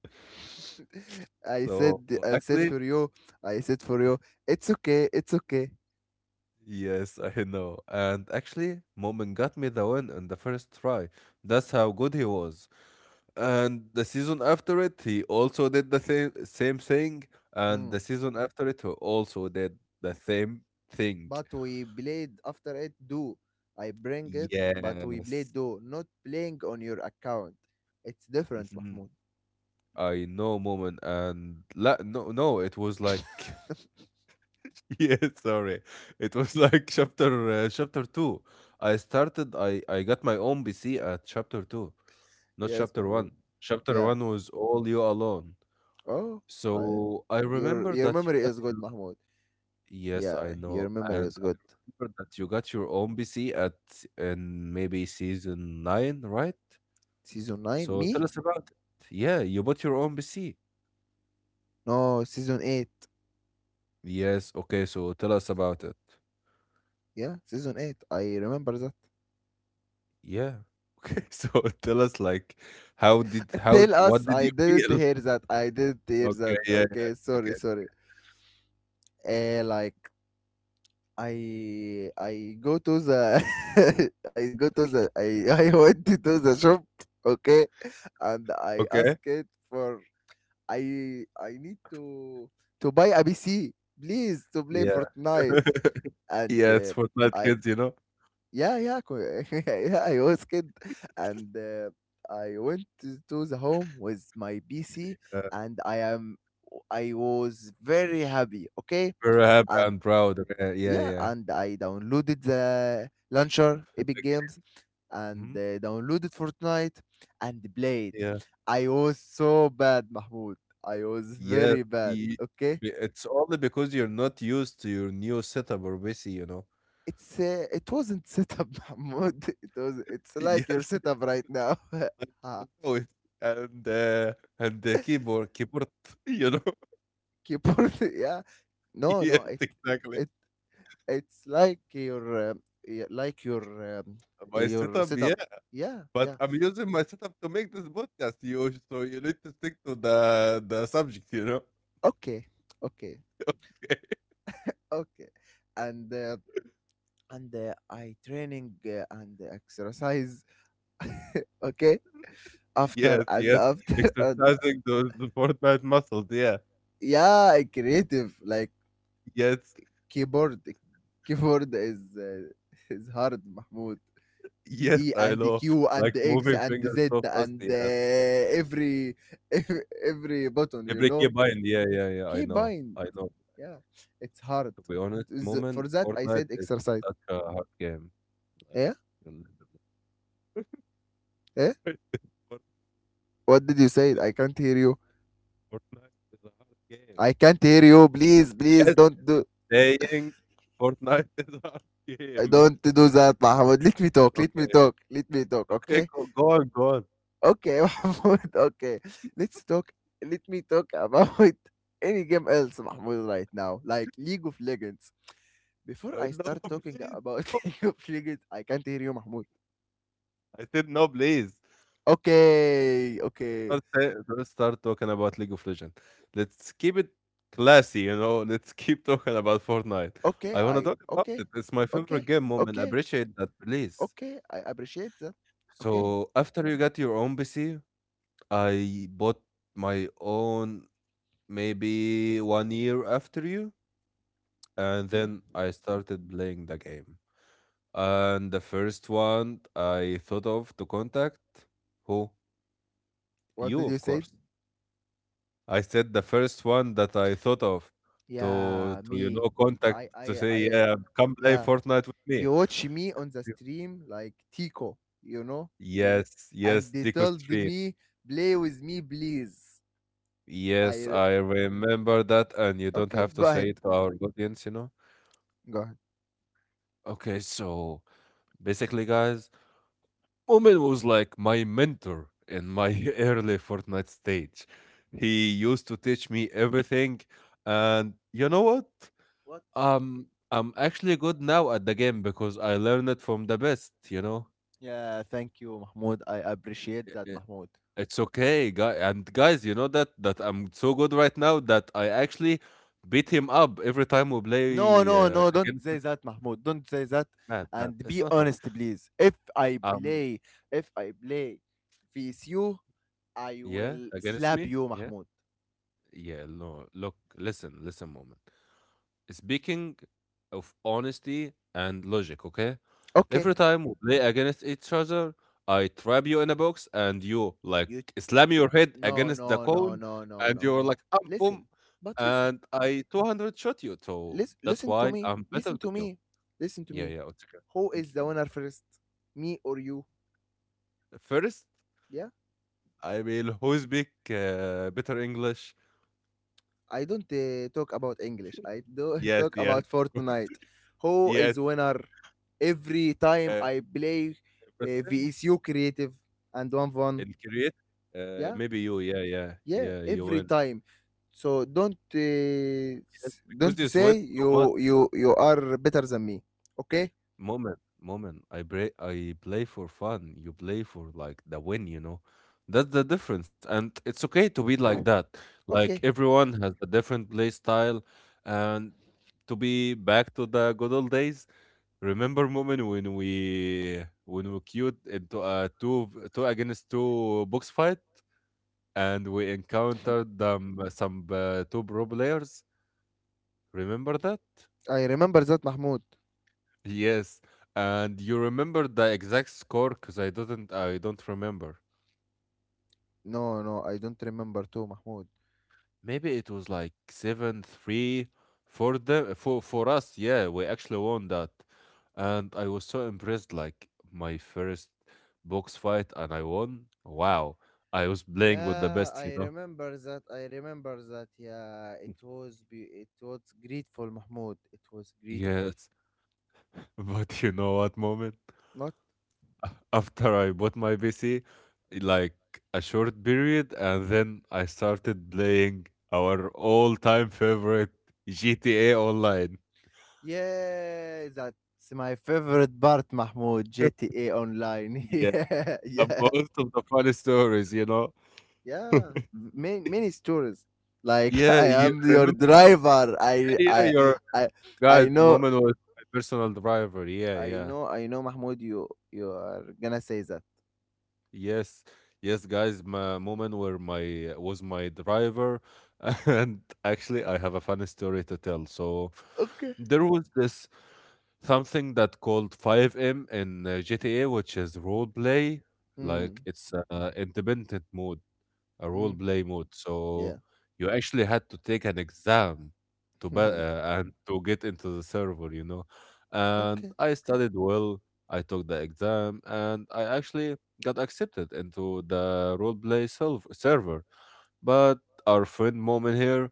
B: I
A: So
B: said, I said
A: actually,
B: for you, I said for you. It's okay, it's okay.
A: yes, I know. And actually, Moment got me the win in the first try. That's how good he was. And the season after it, he also did the same same thing. And
B: Mm.
A: the season after it, he also did the same thing.
B: But we played after it. Do I bring it? But we played.
A: Yes.
B: Do not playing on your account. It's different,
A: Mhm.
B: Mahmoud.
A: I know, Moment. And la no, no, it was like, yeah, sorry. It was like chapter uh, chapter two. I started, I, I got my own P C at chapter two, not
B: Yes,
A: chapter
B: Mahmoud.
A: one. Chapter
B: Yeah.
A: one was all you alone.
B: Oh, I,
A: So I
B: your
A: remember
B: your
A: that you
B: memory
A: got
B: is good, Mahmoud.
A: Yes,
B: Yeah,
A: I
B: your
A: know.
B: memory
A: And
B: is
A: I
B: good.
A: remember that you got your own P C at in maybe season nine, right?
B: Season nine,
A: So tell
B: me?
A: us about it. Yeah, you bought your own P C.
B: No, season eight.
A: Yes, okay, so tell us about it.
B: Yeah, season eight. I remember that.
A: Yeah. Okay, so tell us, like, how did how
B: Tell
A: what
B: us,
A: did
B: I
A: you
B: didn't
A: feel?
B: hear that. I didn't hear
A: Okay,
B: that.
A: yeah, yeah,
B: Okay,
A: it's
B: sorry,
A: okay.
B: sorry. Uh, like I I go to the... I go to the I I went to the shop. Okay, and I
A: Okay.
B: asked it for... I I need to to buy a P C, please, to play
A: Yeah.
B: Fortnite. And
A: Yeah, it's
B: uh,
A: Fortnite
B: I
A: kids, you know.
B: yeah yeah co- yeah, I was kid, and uh, I went to to the home with my P C,
A: Yeah.
B: and I am I was very happy. Okay,
A: Very happy
B: and
A: and proud. Okay. Yeah,
B: yeah,
A: yeah.
B: and I downloaded the launcher Epic Games, and
A: Mhm.
B: uh, downloaded Fortnite and played.
A: Yeah.
B: I was so bad, Mahmoud. I was
A: Yes,
B: very bad.
A: y-
B: Okay,
A: y- it's only because you're not used to your new setup or P C, you know.
B: it's uh, it wasn't setup, Mahmoud. It was, it's like your
A: Yes,
B: setup right now. Ah.
A: like, you know and uh, and the keyboard, keyboard, you know.
B: Keyboard, yeah. No,
A: Yes,
B: no, it
A: exactly.
B: it it's like your um, y- like your um,
A: Uh, My
B: your
A: setup, yeah,
B: setup. Yeah,
A: but
B: yeah.
A: I'm using my setup to make this podcast. You so you need to stick to the the subject, you know.
B: Okay, okay,
A: Okay.
B: okay. And uh, and uh, I training uh, and exercise. Okay, after
A: Yes,
B: and
A: yes.
B: after. And
A: Exercising those Fortnite muscles. Yeah.
B: yeah, I creative like
A: Yes,
B: keyboard, keyboard is uh, is hard, Mahmoud.
A: yes.
B: E
A: I
B: and
A: know.
B: Q and
A: Like,
B: X
A: moving
B: and
A: fingers
B: Z
A: so fast.
B: and uh,
A: Yeah.
B: every every every button, you know.
A: Evrekiyebiyen, yeah, yeah, yeah, I know,
B: Keybind,
A: I know.
B: yeah, it's hard.
A: To be honest,
B: Is- for
A: moment,
B: that I said
A: Fortnite is
B: exercise.
A: such a hard game, like,
B: Yeah,
A: you literally-
B: yeah.
A: Fort-
B: What
A: Fortnite
B: did you say?
A: is
B: I can't hear you.
A: Fortnite is a hard game.
B: I can't hear you, please, please,
A: Yes,
B: don't do...
A: saying Fortnite is a hard
B: I
A: game.
B: don't do that, Mahmoud. Let me talk, let me
A: Okay,
B: talk, let me talk,
A: okay,
B: okay.
A: go go on, go on.
B: Okay, Mahmoud, okay. Let's talk. Let me talk about any game else, Mahmoud, right now, like League of Legends. Before
A: Uh,
B: I
A: no,
B: start talking
A: please,
B: about
A: no.
B: League of Legends, I can't hear you, Mahmoud.
A: I said, "No, please."
B: Okay, okay,
A: Don't don't start talking about League of Legends. Let's keep it classy, you know. Let's keep talking about Fortnite.
B: okay.
A: I wanna
B: I
A: talk about
B: Okay,
A: it. It's my
B: okay,
A: favorite game, mom, and I
B: okay,
A: appreciate that, please.
B: okay. I appreciate that. Okay,
A: So after you got your own P C, I bought my own maybe one year after you, and
B: yeah.
A: then I started playing the game. And the first one I thought of to contact, who?
B: What
A: You,
B: did you
A: of
B: say?
A: course. I said the first one that I thought of to
B: Yeah,
A: to, you
B: me.
A: know, contact,
B: I,
A: to
B: I,
A: say,
B: I.
A: "Yeah, come play
B: Yeah,
A: Fortnite with me."
B: you watch me on the
A: Yeah.
B: stream like Tico, you know.
A: Yes,
B: And
A: yes,
B: they
A: Deco
B: told
A: Stream.
B: me, play with me, please.
A: Yes,
B: I
A: I remember that, and you don't
B: Okay,
A: have to
B: go ahead,
A: say it to our audience, you know?
B: go ahead.
A: Okay, so basically, guys, Omen was like my mentor in my early Fortnite stage. He used to teach me everything, and you know what?
B: What?
A: Um, I'm actually good now at the game because I learned it from the best, you know.
B: Yeah, thank you, Mahmoud. I appreciate that,
A: I-
B: Mahmoud.
A: It's okay, guy. And guys, you know that that I'm so good right now that I actually beat him up every time we
B: No,
A: play,
B: no, no,
A: uh,
B: no, don't
A: against,
B: say that, Mahmoud. Don't say that.
A: man, man.
B: And
A: It's
B: be
A: not like,
B: honest, please. If I
A: um
B: play, if I play with you, I
A: yeah,
B: will
A: against
B: slap
A: me.
B: you,
A: Yeah.
B: Mahmoud.
A: Yeah, no. Look, listen, listen, moment. Speaking of honesty and logic, okay?
B: Okay.
A: Every time we play against each other, I trap you in a box and you like
B: You...
A: slam your head
B: no,
A: against the
B: no, no,
A: cone,
B: no, no,
A: and
B: no.
A: you're like, um,
B: Listen,
A: boom,
B: but listen.
A: and I two hundred shot you. So
B: Listen,
A: that's
B: listen to
A: why
B: me.
A: I'm better
B: Listen to
A: than you.
B: me. Listen to
A: Yeah,
B: me.
A: yeah, it's okay.
B: Who is the
A: G-
B: winner first? Me or you?
A: First,
B: Yeah.
A: I will, who speak uh, better English?
B: I don't uh, talk about English. I do
A: Yes,
B: talk
A: yes,
B: about
A: of course.
B: Fortnite. Who
A: Yes,
B: is winner? Every time
A: uh,
B: I play
A: every
B: uh,
A: time
B: V S U creative, and one one.
A: in Korea. Uh,
B: Yeah.
A: maybe you, yeah, yeah,
B: Yeah.
A: yeah, you
B: Every
A: win.
B: time. So don't uh,
A: Yes,
B: s- don't
A: because you sweat
B: say
A: too much.
B: you you you are better than me. Okay.
A: Moment, moment. I play, I play for fun. You play for, like, the win. You know, that's the difference, and it's okay to be like that. Like,
B: Okay.
A: everyone has a different play style, and to be back to the good old days. Remember, moment, when we when we queued into a two v- two against two box fight, and we encountered them, uh, some uh, two pro players. Remember that?
B: I remember that, Mahmoud.
A: Yes, and you remember the exact score because I didn't. I don't remember.
B: No, no, I don't remember too, Mahmoud.
A: Maybe it was like seven three for them for for us. Yeah, we actually won that, and I was so impressed. Like, my first box fight, and I won. Wow, I was playing with the
B: Yeah,
A: best, you
B: I
A: know.
B: remember that. I remember that. Yeah, it was, be it was grateful, Mahmoud. It was grateful.
A: Yes, but you know what, moment?
B: Not...
A: After I bought my P C, like, a short period, and then I started playing our all-time favorite G T A Online.
B: yeah, that's my favorite part, Mahmoud. G T A Online.
A: Yeah,
B: Yeah,
A: the
B: yeah,
A: most of the funny stories, you know.
B: yeah. Many many stories. Like,
A: Yeah,
B: I
A: you
B: am your
A: remember?
B: driver. I
A: Yeah, yeah,
B: I
A: your
B: I I
A: guys,
B: know,
A: Moment was my personal driver. Yeah,
B: I
A: yeah.
B: know, I know, Mahmoud. You you are gonna say that.
A: Yes, yes, guys. My moment where my was my driver. And actually, I have a funny story to tell. So,
B: Okay.
A: there was this something that called five M in, uh, G T A, which is role play.
B: Mm,
A: Like, it's uh, independent mode, a role
B: mm,
A: play mode.
B: yeah.
A: So you actually had to take an exam to be, uh, and to get into the server, you know. And
B: Okay.
A: I studied well. I took the exam, and I actually got accepted into the role play self- server. But our friend Moment here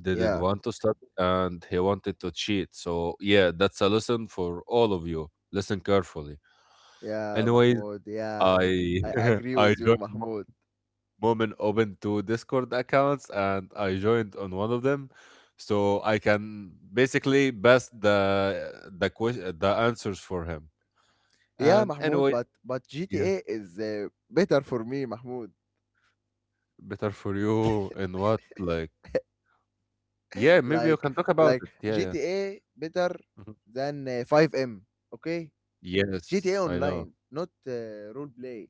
A: didn't
B: Yeah.
A: want to study, and he wanted to cheat. So yeah, that's a lesson for all of you. Listen carefully.
B: Yeah,
A: Anyway,
B: Mahmoud. Yeah,
A: I
B: I agree
A: I
B: with you,
A: joined.
B: Mahmoud.
A: Moment opened two Discord accounts, and I joined on one of them, so I can basically best the the question the answers for him.
B: Yeah,
A: And
B: Mahmoud.
A: anyway,
B: But but
A: yeah,
B: G T A is uh, better for me, Mahmoud.
A: better for you in what, like, yeah, maybe you
B: Like
A: can talk about
B: like
A: it. Yeah, yeah.
B: G T A better
A: Mhm.
B: than uh, five M. Okay,
A: Yes,
B: G T A
A: I
B: Online,
A: know.
B: not uh, role play.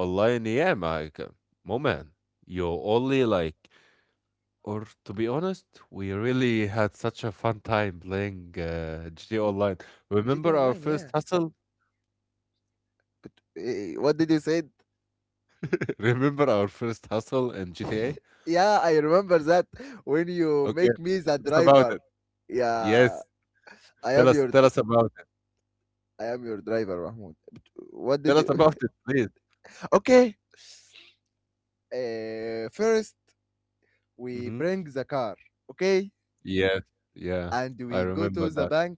A: Online, yeah, Mike. Moment, you only, like, or to be honest, we really had such a fun time playing uh, G T A
B: N-
A: Online.
B: G T A
A: Remember our
B: Online. Yeah.
A: first hustle?
B: Eh, eh, what did you say?
A: Remember our first hustle in G T A?
B: Yeah, I remember that when you
A: Okay,
B: make me the
A: tell us about
B: driver.
A: it.
B: Yeah,
A: Yes,
B: I
A: tell
B: am
A: us
B: your
A: tell
B: d-
A: us about it.
B: I am your driver, Mahmoud. What
A: Tell
B: did
A: us
B: you?
A: about it, please.
B: Okay. Uh, first, we
A: Hmm.
B: bring the car, okay?
A: Yes, yeah,
B: And
A: I
B: we go to
A: remember
B: the
A: that.
B: bank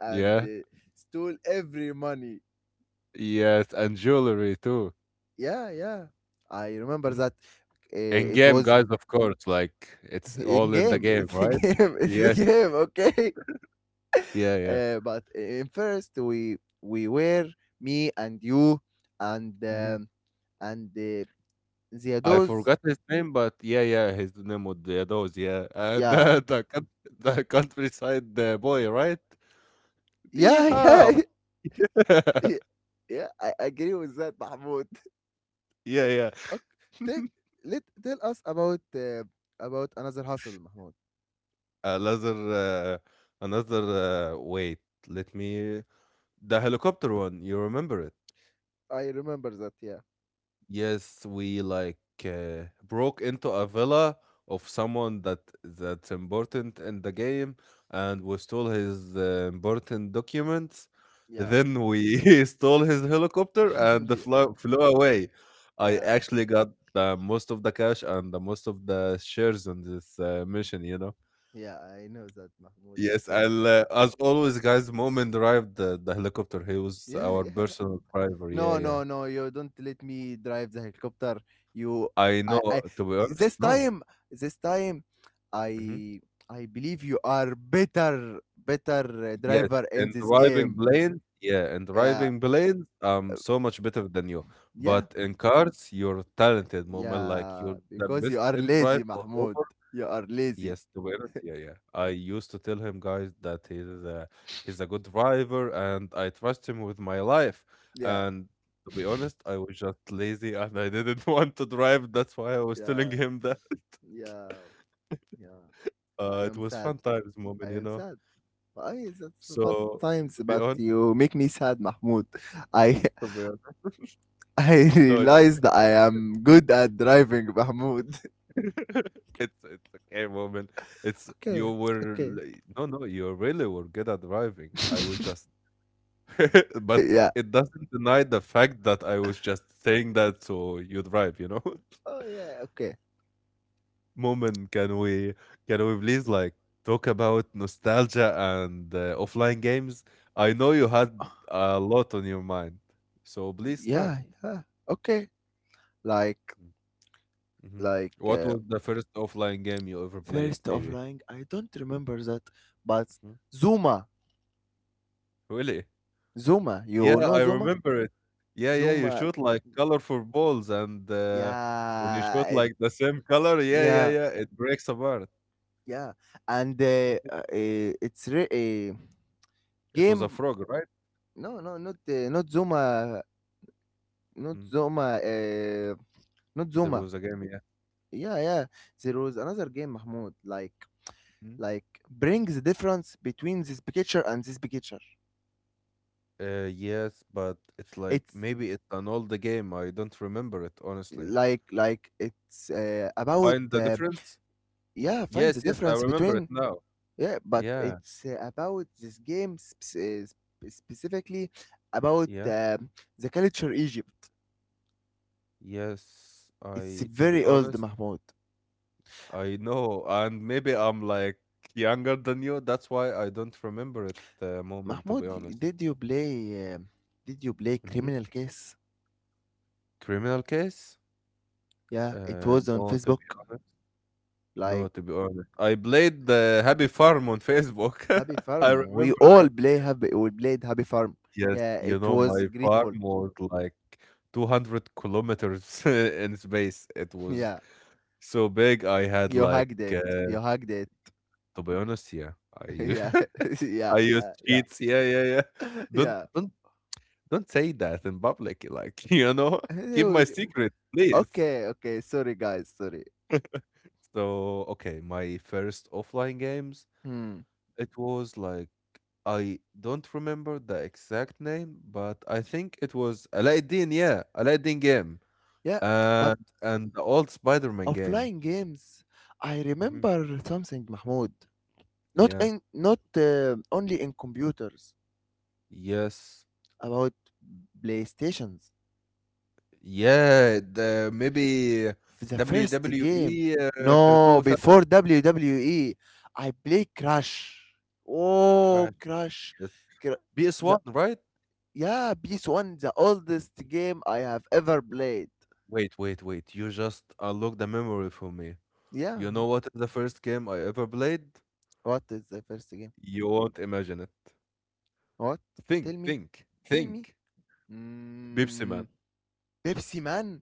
B: and
A: Yeah,
B: uh, stole every money.
A: yes, and jewelry too.
B: Yeah, yeah. I remember
A: Mhm.
B: that.
A: In
B: Uh, it
A: game,
B: was
A: guys, of course, like, it's
B: in
A: all in the
B: game.
A: game,
B: It's a
A: right?
B: game. It's a
A: Yeah,
B: game, okay?
A: yeah, yeah.
B: Uh, but in first, we we were me and you and
A: Hmm.
B: um, and uh, the
A: I
B: those.
A: forgot his name, but yeah, yeah, his name was Yados. Yeah. Uh,
B: Yeah,
A: the the coun- the countryside uh, boy, right? Yeah.
B: yeah, yeah, yeah. I agree with that, Mahmoud.
A: Yeah, yeah.
B: Okay. tell Let tell us about uh, about another hustle, Mahmoud.
A: Another, uh, another. Uh, wait, let me. The helicopter one. You remember it?
B: I remember that. Yeah,
A: Yes, we, like, uh, broke into a villa of someone that that's important in the game, and we stole his uh, important documents.
B: yeah,
A: Then we stole his helicopter and the
B: yeah,
A: flew, flew away. I
B: yeah,
A: actually got the most of the cash and the most of the shares in this uh, mission. You know.
B: yeah. I know that, Mahmoud. It
A: Yes,
B: was.
A: I'll, uh, as always, guys, Moment arrived the, the helicopter. He was
B: Yeah,
A: our
B: yeah.
A: personal driver. Yeah,
B: No,
A: yeah.
B: no, no. You don't let me drive the helicopter. You,
A: I
B: I,
A: know,
B: I.
A: to be honest,
B: This
A: no.
B: time, this time,
A: Hmm.
B: I, I believe you are better, better uh,
A: Yes,
B: driver in
A: and
B: this
A: driving
B: game.
A: planes, yeah, and
B: Yeah,
A: driving planes, um, so much better than you.
B: yeah,
A: But in cars, you're talented, Moment. Like,
B: yeah.
A: you're the
B: Because
A: best
B: you
A: in
B: are
A: drive
B: lazy,
A: or Uber.
B: Mahmoud. You are lazy.
A: Yes, the be yeah, yeah. I used to tell him, guys, that he's a, he's a good driver, and I trust him with my life.
B: Yeah.
A: And to be honest, I was just lazy and I didn't want to drive. That's why I was telling
B: Yeah,
A: him that.
B: yeah, yeah.
A: Uh,
B: I
A: it
B: am
A: was
B: sad.
A: fun times,
B: I
A: moment, you
B: am
A: know.
B: sad. Why is the fat
A: So,
B: times?
A: to be
B: But
A: honest,
B: you make me sad, Mahmoud. I,
A: to be honest,
B: I
A: no, it,
B: realized I am good at driving, Mahmoud.
A: it's it's okay, moment. It's
B: Okay,
A: you were
B: okay.
A: l- no, no, you really were good at driving. I was just but
B: Yeah.
A: it doesn't deny the fact that I was just saying that so you drive, you know?
B: Oh yeah. Okay.
A: Moment, can we can we please, like, talk about nostalgia and uh, offline games? I know you had a lot on your mind, so please
B: Yeah.
A: start.
B: Yeah. Okay. Like
A: Mm-hmm.
B: like
A: What
B: uh,
A: was the first offline game you ever played,
B: first
A: maybe?
B: offline. I don't remember that, but
A: Hmm.
B: Zuma.
A: Really?
B: Zuma.
A: Yeah,
B: You know
A: I
B: Zuma?
A: remember it. Yeah, yeah, you
B: Zuma.
A: shoot, like, colorful balls, and uh, when you
B: Yeah.
A: shoot
B: It,
A: like the same color, yeah, yeah,
B: yeah.
A: yeah, it breaks apart.
B: Yeah, and uh, uh, eh, it's re- a
A: It was a
B: game.
A: frog, right?
B: No, no, not uh, not Zoma, not
A: Mm.
B: Zoma, uh, not
A: There
B: Zoma.
A: was a game, yeah.
B: Yeah, yeah. There was another game, Mahmoud. Like,
A: Mm.
B: like brings the difference between this picture and this picture.
A: Uh, yes, but it's like
B: It's
A: maybe it's an older game. I don't remember it, honestly.
B: like, like it's uh, about
A: Find the
B: uh,
A: difference?
B: yeah, find the
A: Yes, yes, I
B: difference
A: remember it
B: between...
A: now.
B: yeah, but
A: Yeah,
B: it's uh, about this game sp- specifically about
A: yeah,
B: uh, the culture Egypt.
A: yes.
B: It's
A: I, to be
B: very old,
A: honest,
B: Mahmoud.
A: I know. And maybe I'm, like, younger than you. That's why I don't remember it, uh, moment, to
B: Mahmoud,
A: be honest.
B: did you play? Um did you play
A: Hmm.
B: Criminal Case?
A: Criminal case?
B: Yeah, it
A: Uh,
B: was on
A: no, to
B: Facebook.
A: be honest. No,
B: Like
A: to be honest, I played the Happy Farm on Facebook.
B: Happy
A: I
B: Farm, we
A: remember that.
B: all play Happy. We played Happy Farm.
A: Yes,
B: Yeah,
A: you
B: it
A: know,
B: was
A: my farm
B: grateful.
A: was like two hundred kilometers in space. It was
B: Yeah,
A: so big. I had,
B: you
A: like,
B: hugged it. You
A: uh,
B: hugged it.
A: to be honest, yeah, I use
B: Yeah, yeah,
A: I use
B: uh, yeah,
A: cheats. Yeah, yeah, yeah. Don't
B: yeah.
A: don't don't say that in public. Like, you know, keep my secret, please.
B: Okay, okay. Sorry, guys. Sorry.
A: So, okay, my first offline games.
B: Hmm.
A: It was like I don't remember the exact name, but I think it was Aladdin. Yeah, Aladdin game,
B: Yeah, but
A: and and the old Spider-Man game.
B: offline games. I
A: Hmm.
B: remember something, Mahmoud. Not
A: Yeah.
B: in not uh, only in computers,
A: Yes.
B: about playstations.
A: Yeah. The maybe
B: F- the first game,
A: W W E, uh,
B: no,
A: two thousand.
B: before WWE I play Crash. Oh,
A: Crash.
B: Crash.
A: Yes.
B: Cra- the
A: P S one, right?
B: Yeah, ps one the oldest game I have ever played.
A: Wait, wait, wait. You just unlocked the memory for me.
B: Yeah.
A: You know what is the first game I ever played?
B: What is the first game?
A: You won't imagine it.
B: What? Tell
A: Think,
B: me,
A: think,
B: tell me.
A: think. Pepsi Man.
B: Mm. Pepsi Man.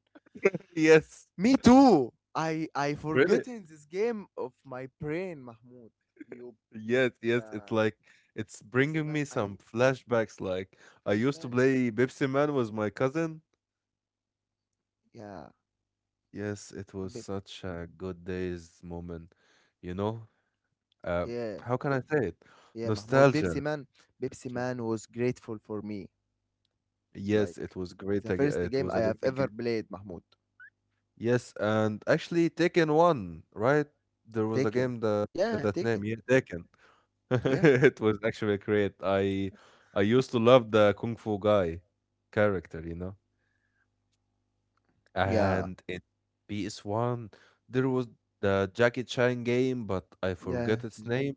A: Yes,
B: Me too. I i
A: really.
B: forgotten this game of my brain, Mahmoud. You...
A: Yes, yes. It's
B: Yeah,
A: like, it's
B: Pepsi
A: bringing
B: Man.
A: me
B: I
A: some flashbacks. Like, I used to
B: flashbacks.
A: play Pepsi Man with my cousin.
B: Yeah.
A: Yes, it was
B: Bep-
A: such a good days, moment. You know, um,
B: yeah,
A: how can I say it?
B: yeah. Mahmoud, Pepsi
A: Nostalgia.
B: Man. Pepsi
A: Nostalgia.
B: Man was grateful for me. Like
A: Yes, it was great.
B: the
A: ag-
B: first
A: It
B: game
A: was
B: I
A: a
B: have
A: great
B: ever
A: game.
B: played, Mahmoud.
A: Yes, and actually Taken One, right? There was a
B: Taken.
A: game that
B: Yeah,
A: that name,
B: Taken.
A: yeah, Taken.
B: Yeah,
A: It was actually great. I I used to love the Kung Fu guy character, you know.
B: yeah,
A: And in P S one there was the Jackie Chan game, but I
B: yeah,
A: forget its name.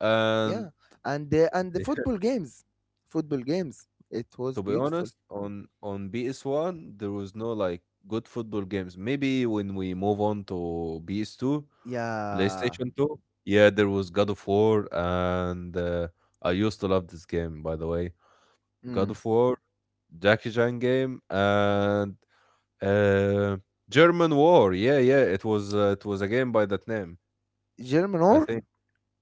A: And
B: yeah. And uh, and the football games, football games. It was
A: to be
B: beautiful.
A: honest, on on P S one there was no like good football games. Maybe when we move on to P S two,
B: Yeah.
A: PlayStation two, yeah, there was God of War and uh, I used to love this game, by the way. God
B: Mm.
A: of War, Jackie Chan game, and uh, German War. Yeah, yeah, it was uh, it was a game by that name,
B: German
A: I
B: or?
A: think.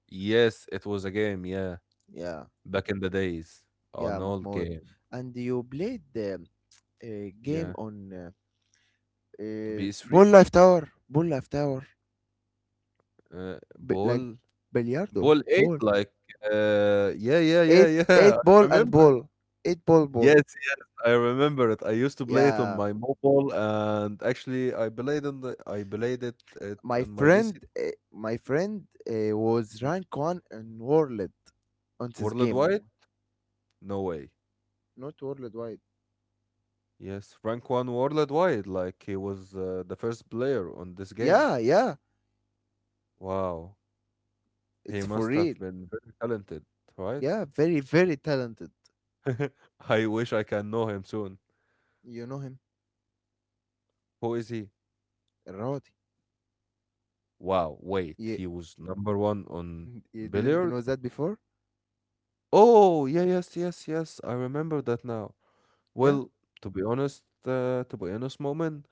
A: Yes, it was a game. Yeah,
B: Yeah,
A: back in the days,
B: yeah,
A: an old
B: Mahmoud.
A: game.
B: And you played the uh, game
A: Yeah,
B: on. Uh, Uh,
A: P S three,
B: ball Life Tower. Ball Life Tower.
A: uh,
B: B- like
A: Ball,
B: Billiardo.
A: Ball Eight.
B: Ball.
A: Like, uh, yeah, yeah, yeah,
B: Eight,
A: yeah.
B: eight
A: I
B: ball and
A: remember.
B: ball. Eight ball, ball.
A: Yes, yes, I remember it. I used to play it on
B: Yeah.
A: my mobile, and actually, I played on the I played it, it
B: My
A: on my
B: friend,
A: P C.
B: uh, my friend uh, was rank one in world on this game,
A: Worldwide?
B: Mahmoud.
A: No way.
B: Not worldwide.
A: Yes, Frank won worldwide, like he was uh, the first player on this game.
B: Yeah, yeah.
A: Wow, he
B: It's for
A: must
B: real.
A: have been very talented, right?
B: Yeah, very, very talented.
A: I wish I can know him soon.
B: You know him,
A: Who is he?
B: Rodi.
A: Wow, wait,
B: You,
A: he was number one on
B: you didn't
A: billiard?
B: know that before?
A: Oh, yeah, yes, yes, yes, I remember that now.
B: Yeah,
A: Well, to be honest, uh, to be honest, moment,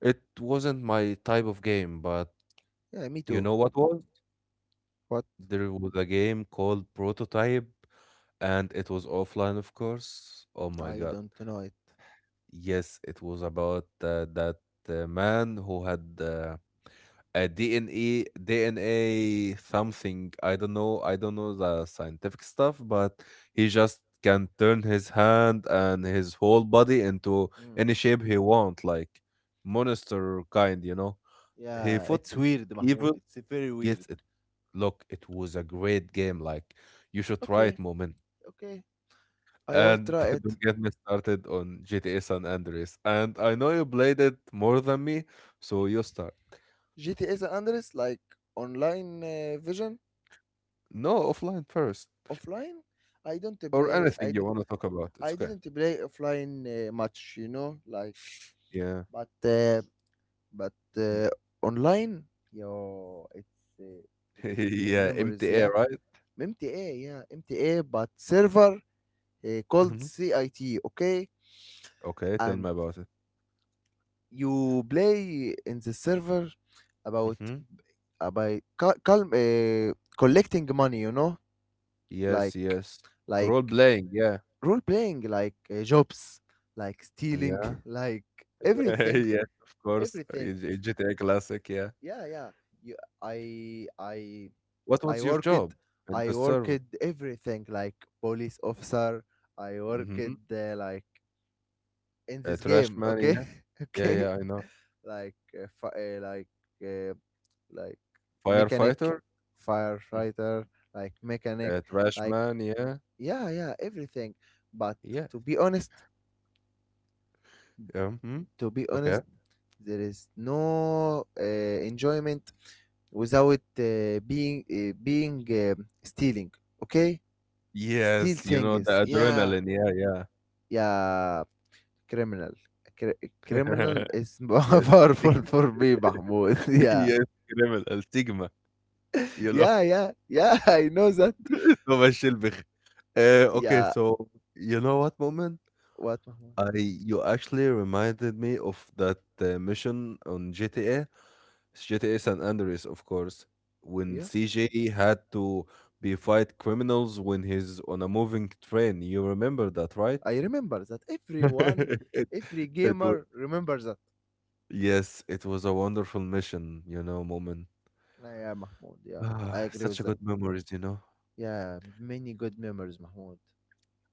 A: it wasn't my type of game, but
B: yeah, me
A: you
B: too.
A: know what was?
B: What?
A: There was a game called Prototype, and it was offline, of course. Oh my
B: I
A: God.
B: don't know it.
A: Yes, it was about uh, that uh, man who had uh, a D N A, D N A something. I don't know. I don't know the scientific stuff, but he just can turn his hand and his whole body into
B: Hmm.
A: any shape he want, like monster kind, you know. He
B: Yeah,
A: fought
B: it's weird, Mahmoud.
A: evil.
B: It's very weird.
A: Yes, it Look, it was a great game. Like, you should try
B: Okay,
A: it, Moment.
B: okay, I will
A: And
B: try it.
A: don't get me started on G T A San Andreas. And I know you played it more than me, so you start.
B: G T A San Andreas, like online uh, version,
A: No, offline first,
B: offline. I don't
A: or
B: play. I,
A: anything you
B: d-
A: want to talk about. It's
B: I
A: okay.
B: didn't play offline uh, much, you know, like,
A: Yeah.
B: but uh, but
A: Mhm.
B: uh, online, yo, it's uh, it's uh,
A: Yeah,
B: memories,
A: M T A,
B: yeah.
A: right?
B: M T A, yeah, M T A, but server uh, called
A: Hmm.
B: C I T, okay,
A: Okay, tell
B: and
A: me about it.
B: you play in the server about
A: Hmm.
B: uh, By cal- calm, uh, collecting money, you know, like,
A: Yes, yes.
B: like
A: Role playing, yeah.
B: role playing, like uh, jobs, like stealing,
A: Yeah.
B: like everything,
A: Yes, of course. uh,
B: everything.
A: G T A Classic, yeah.
B: Yeah, yeah. You, I, I,
A: What
B: I
A: was your
B: worked,
A: job in
B: I
A: the
B: worked
A: server?
B: everything, like police officer. I worked uh, like in
A: Uh,
B: this game,
A: Trashman,
B: okay.
A: yeah. Yeah,
B: Okay.
A: yeah, I know.
B: Like uh, fi- uh, like uh, like mechanic,
A: Firefighter? Mm.
B: firefighter, like mechanic,
A: Uh,
B: like,
A: Trashman, yeah.
B: yeah, yeah, everything. But
A: Yeah.
B: to be honest,
A: Mhm.
B: to be honest,
A: Okay.
B: there is no uh, enjoyment without uh, being uh, being um, stealing. Okay. Steal
A: Yes, you know
B: things,
A: the
B: yeah.
A: adrenaline. Yeah, yeah.
B: Yeah. Criminal. Cri- criminal is
A: Yes.
B: powerful for me, Mahmoud. Yeah.
A: Yes, criminal stigma, you know.
B: Yeah, yeah, yeah. I know that.
A: So much البخ. Uh, okay,
B: Yeah.
A: so you know what, Moment?
B: What, Mahmoud?
A: I You actually reminded me of that uh, mission on G T A G T A San Andreas, of course, when
B: Yeah,
A: C J had to be fight criminals when he's on a moving train. You remember that, right?
B: I remember that, everyone.
A: it,
B: Every
A: it
B: gamer
A: was
B: remembers that.
A: yes, it was a wonderful mission, you know, Moment.
B: Uh, yeah, Mahmoud. Yeah, I
A: Ah,
B: agree
A: such
B: with
A: a
B: that.
A: good memories, you know.
B: Yeah, many good memories, Mahmoud.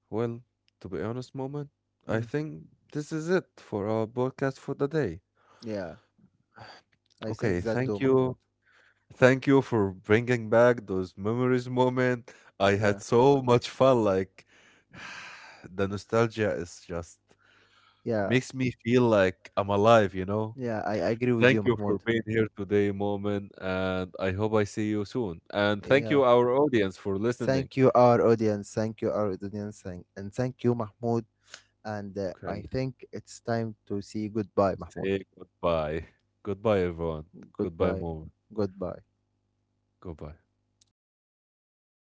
A: Well, to be honest, Moment, I
B: Mm.
A: think this is it for our podcast for the day.
B: Yeah, I
A: Okay,
B: think that too,
A: thank you
B: Mahmoud.
A: thank you for bringing back those memories, moment. I
B: Yeah,
A: had so much fun. Like the nostalgia is just
B: yeah,
A: makes me feel like I'm alive, you know?
B: yeah. I, I agree with
A: Thank
B: you,
A: you
B: Mahmoud.
A: for being here today, moment, and I hope I see you soon. And thank
B: Yeah.
A: you, our audience, for listening.
B: Thank you, our audience. Thank you, our audience, and, and thank you, Mahmoud. And uh, I
A: Okay,
B: think it's time to say goodbye, Mahmoud.
A: say goodbye. Goodbye, everyone. Goodbye,
B: Goodbye,
A: moment.
B: goodbye,
A: Goodbye.
B: goodbye.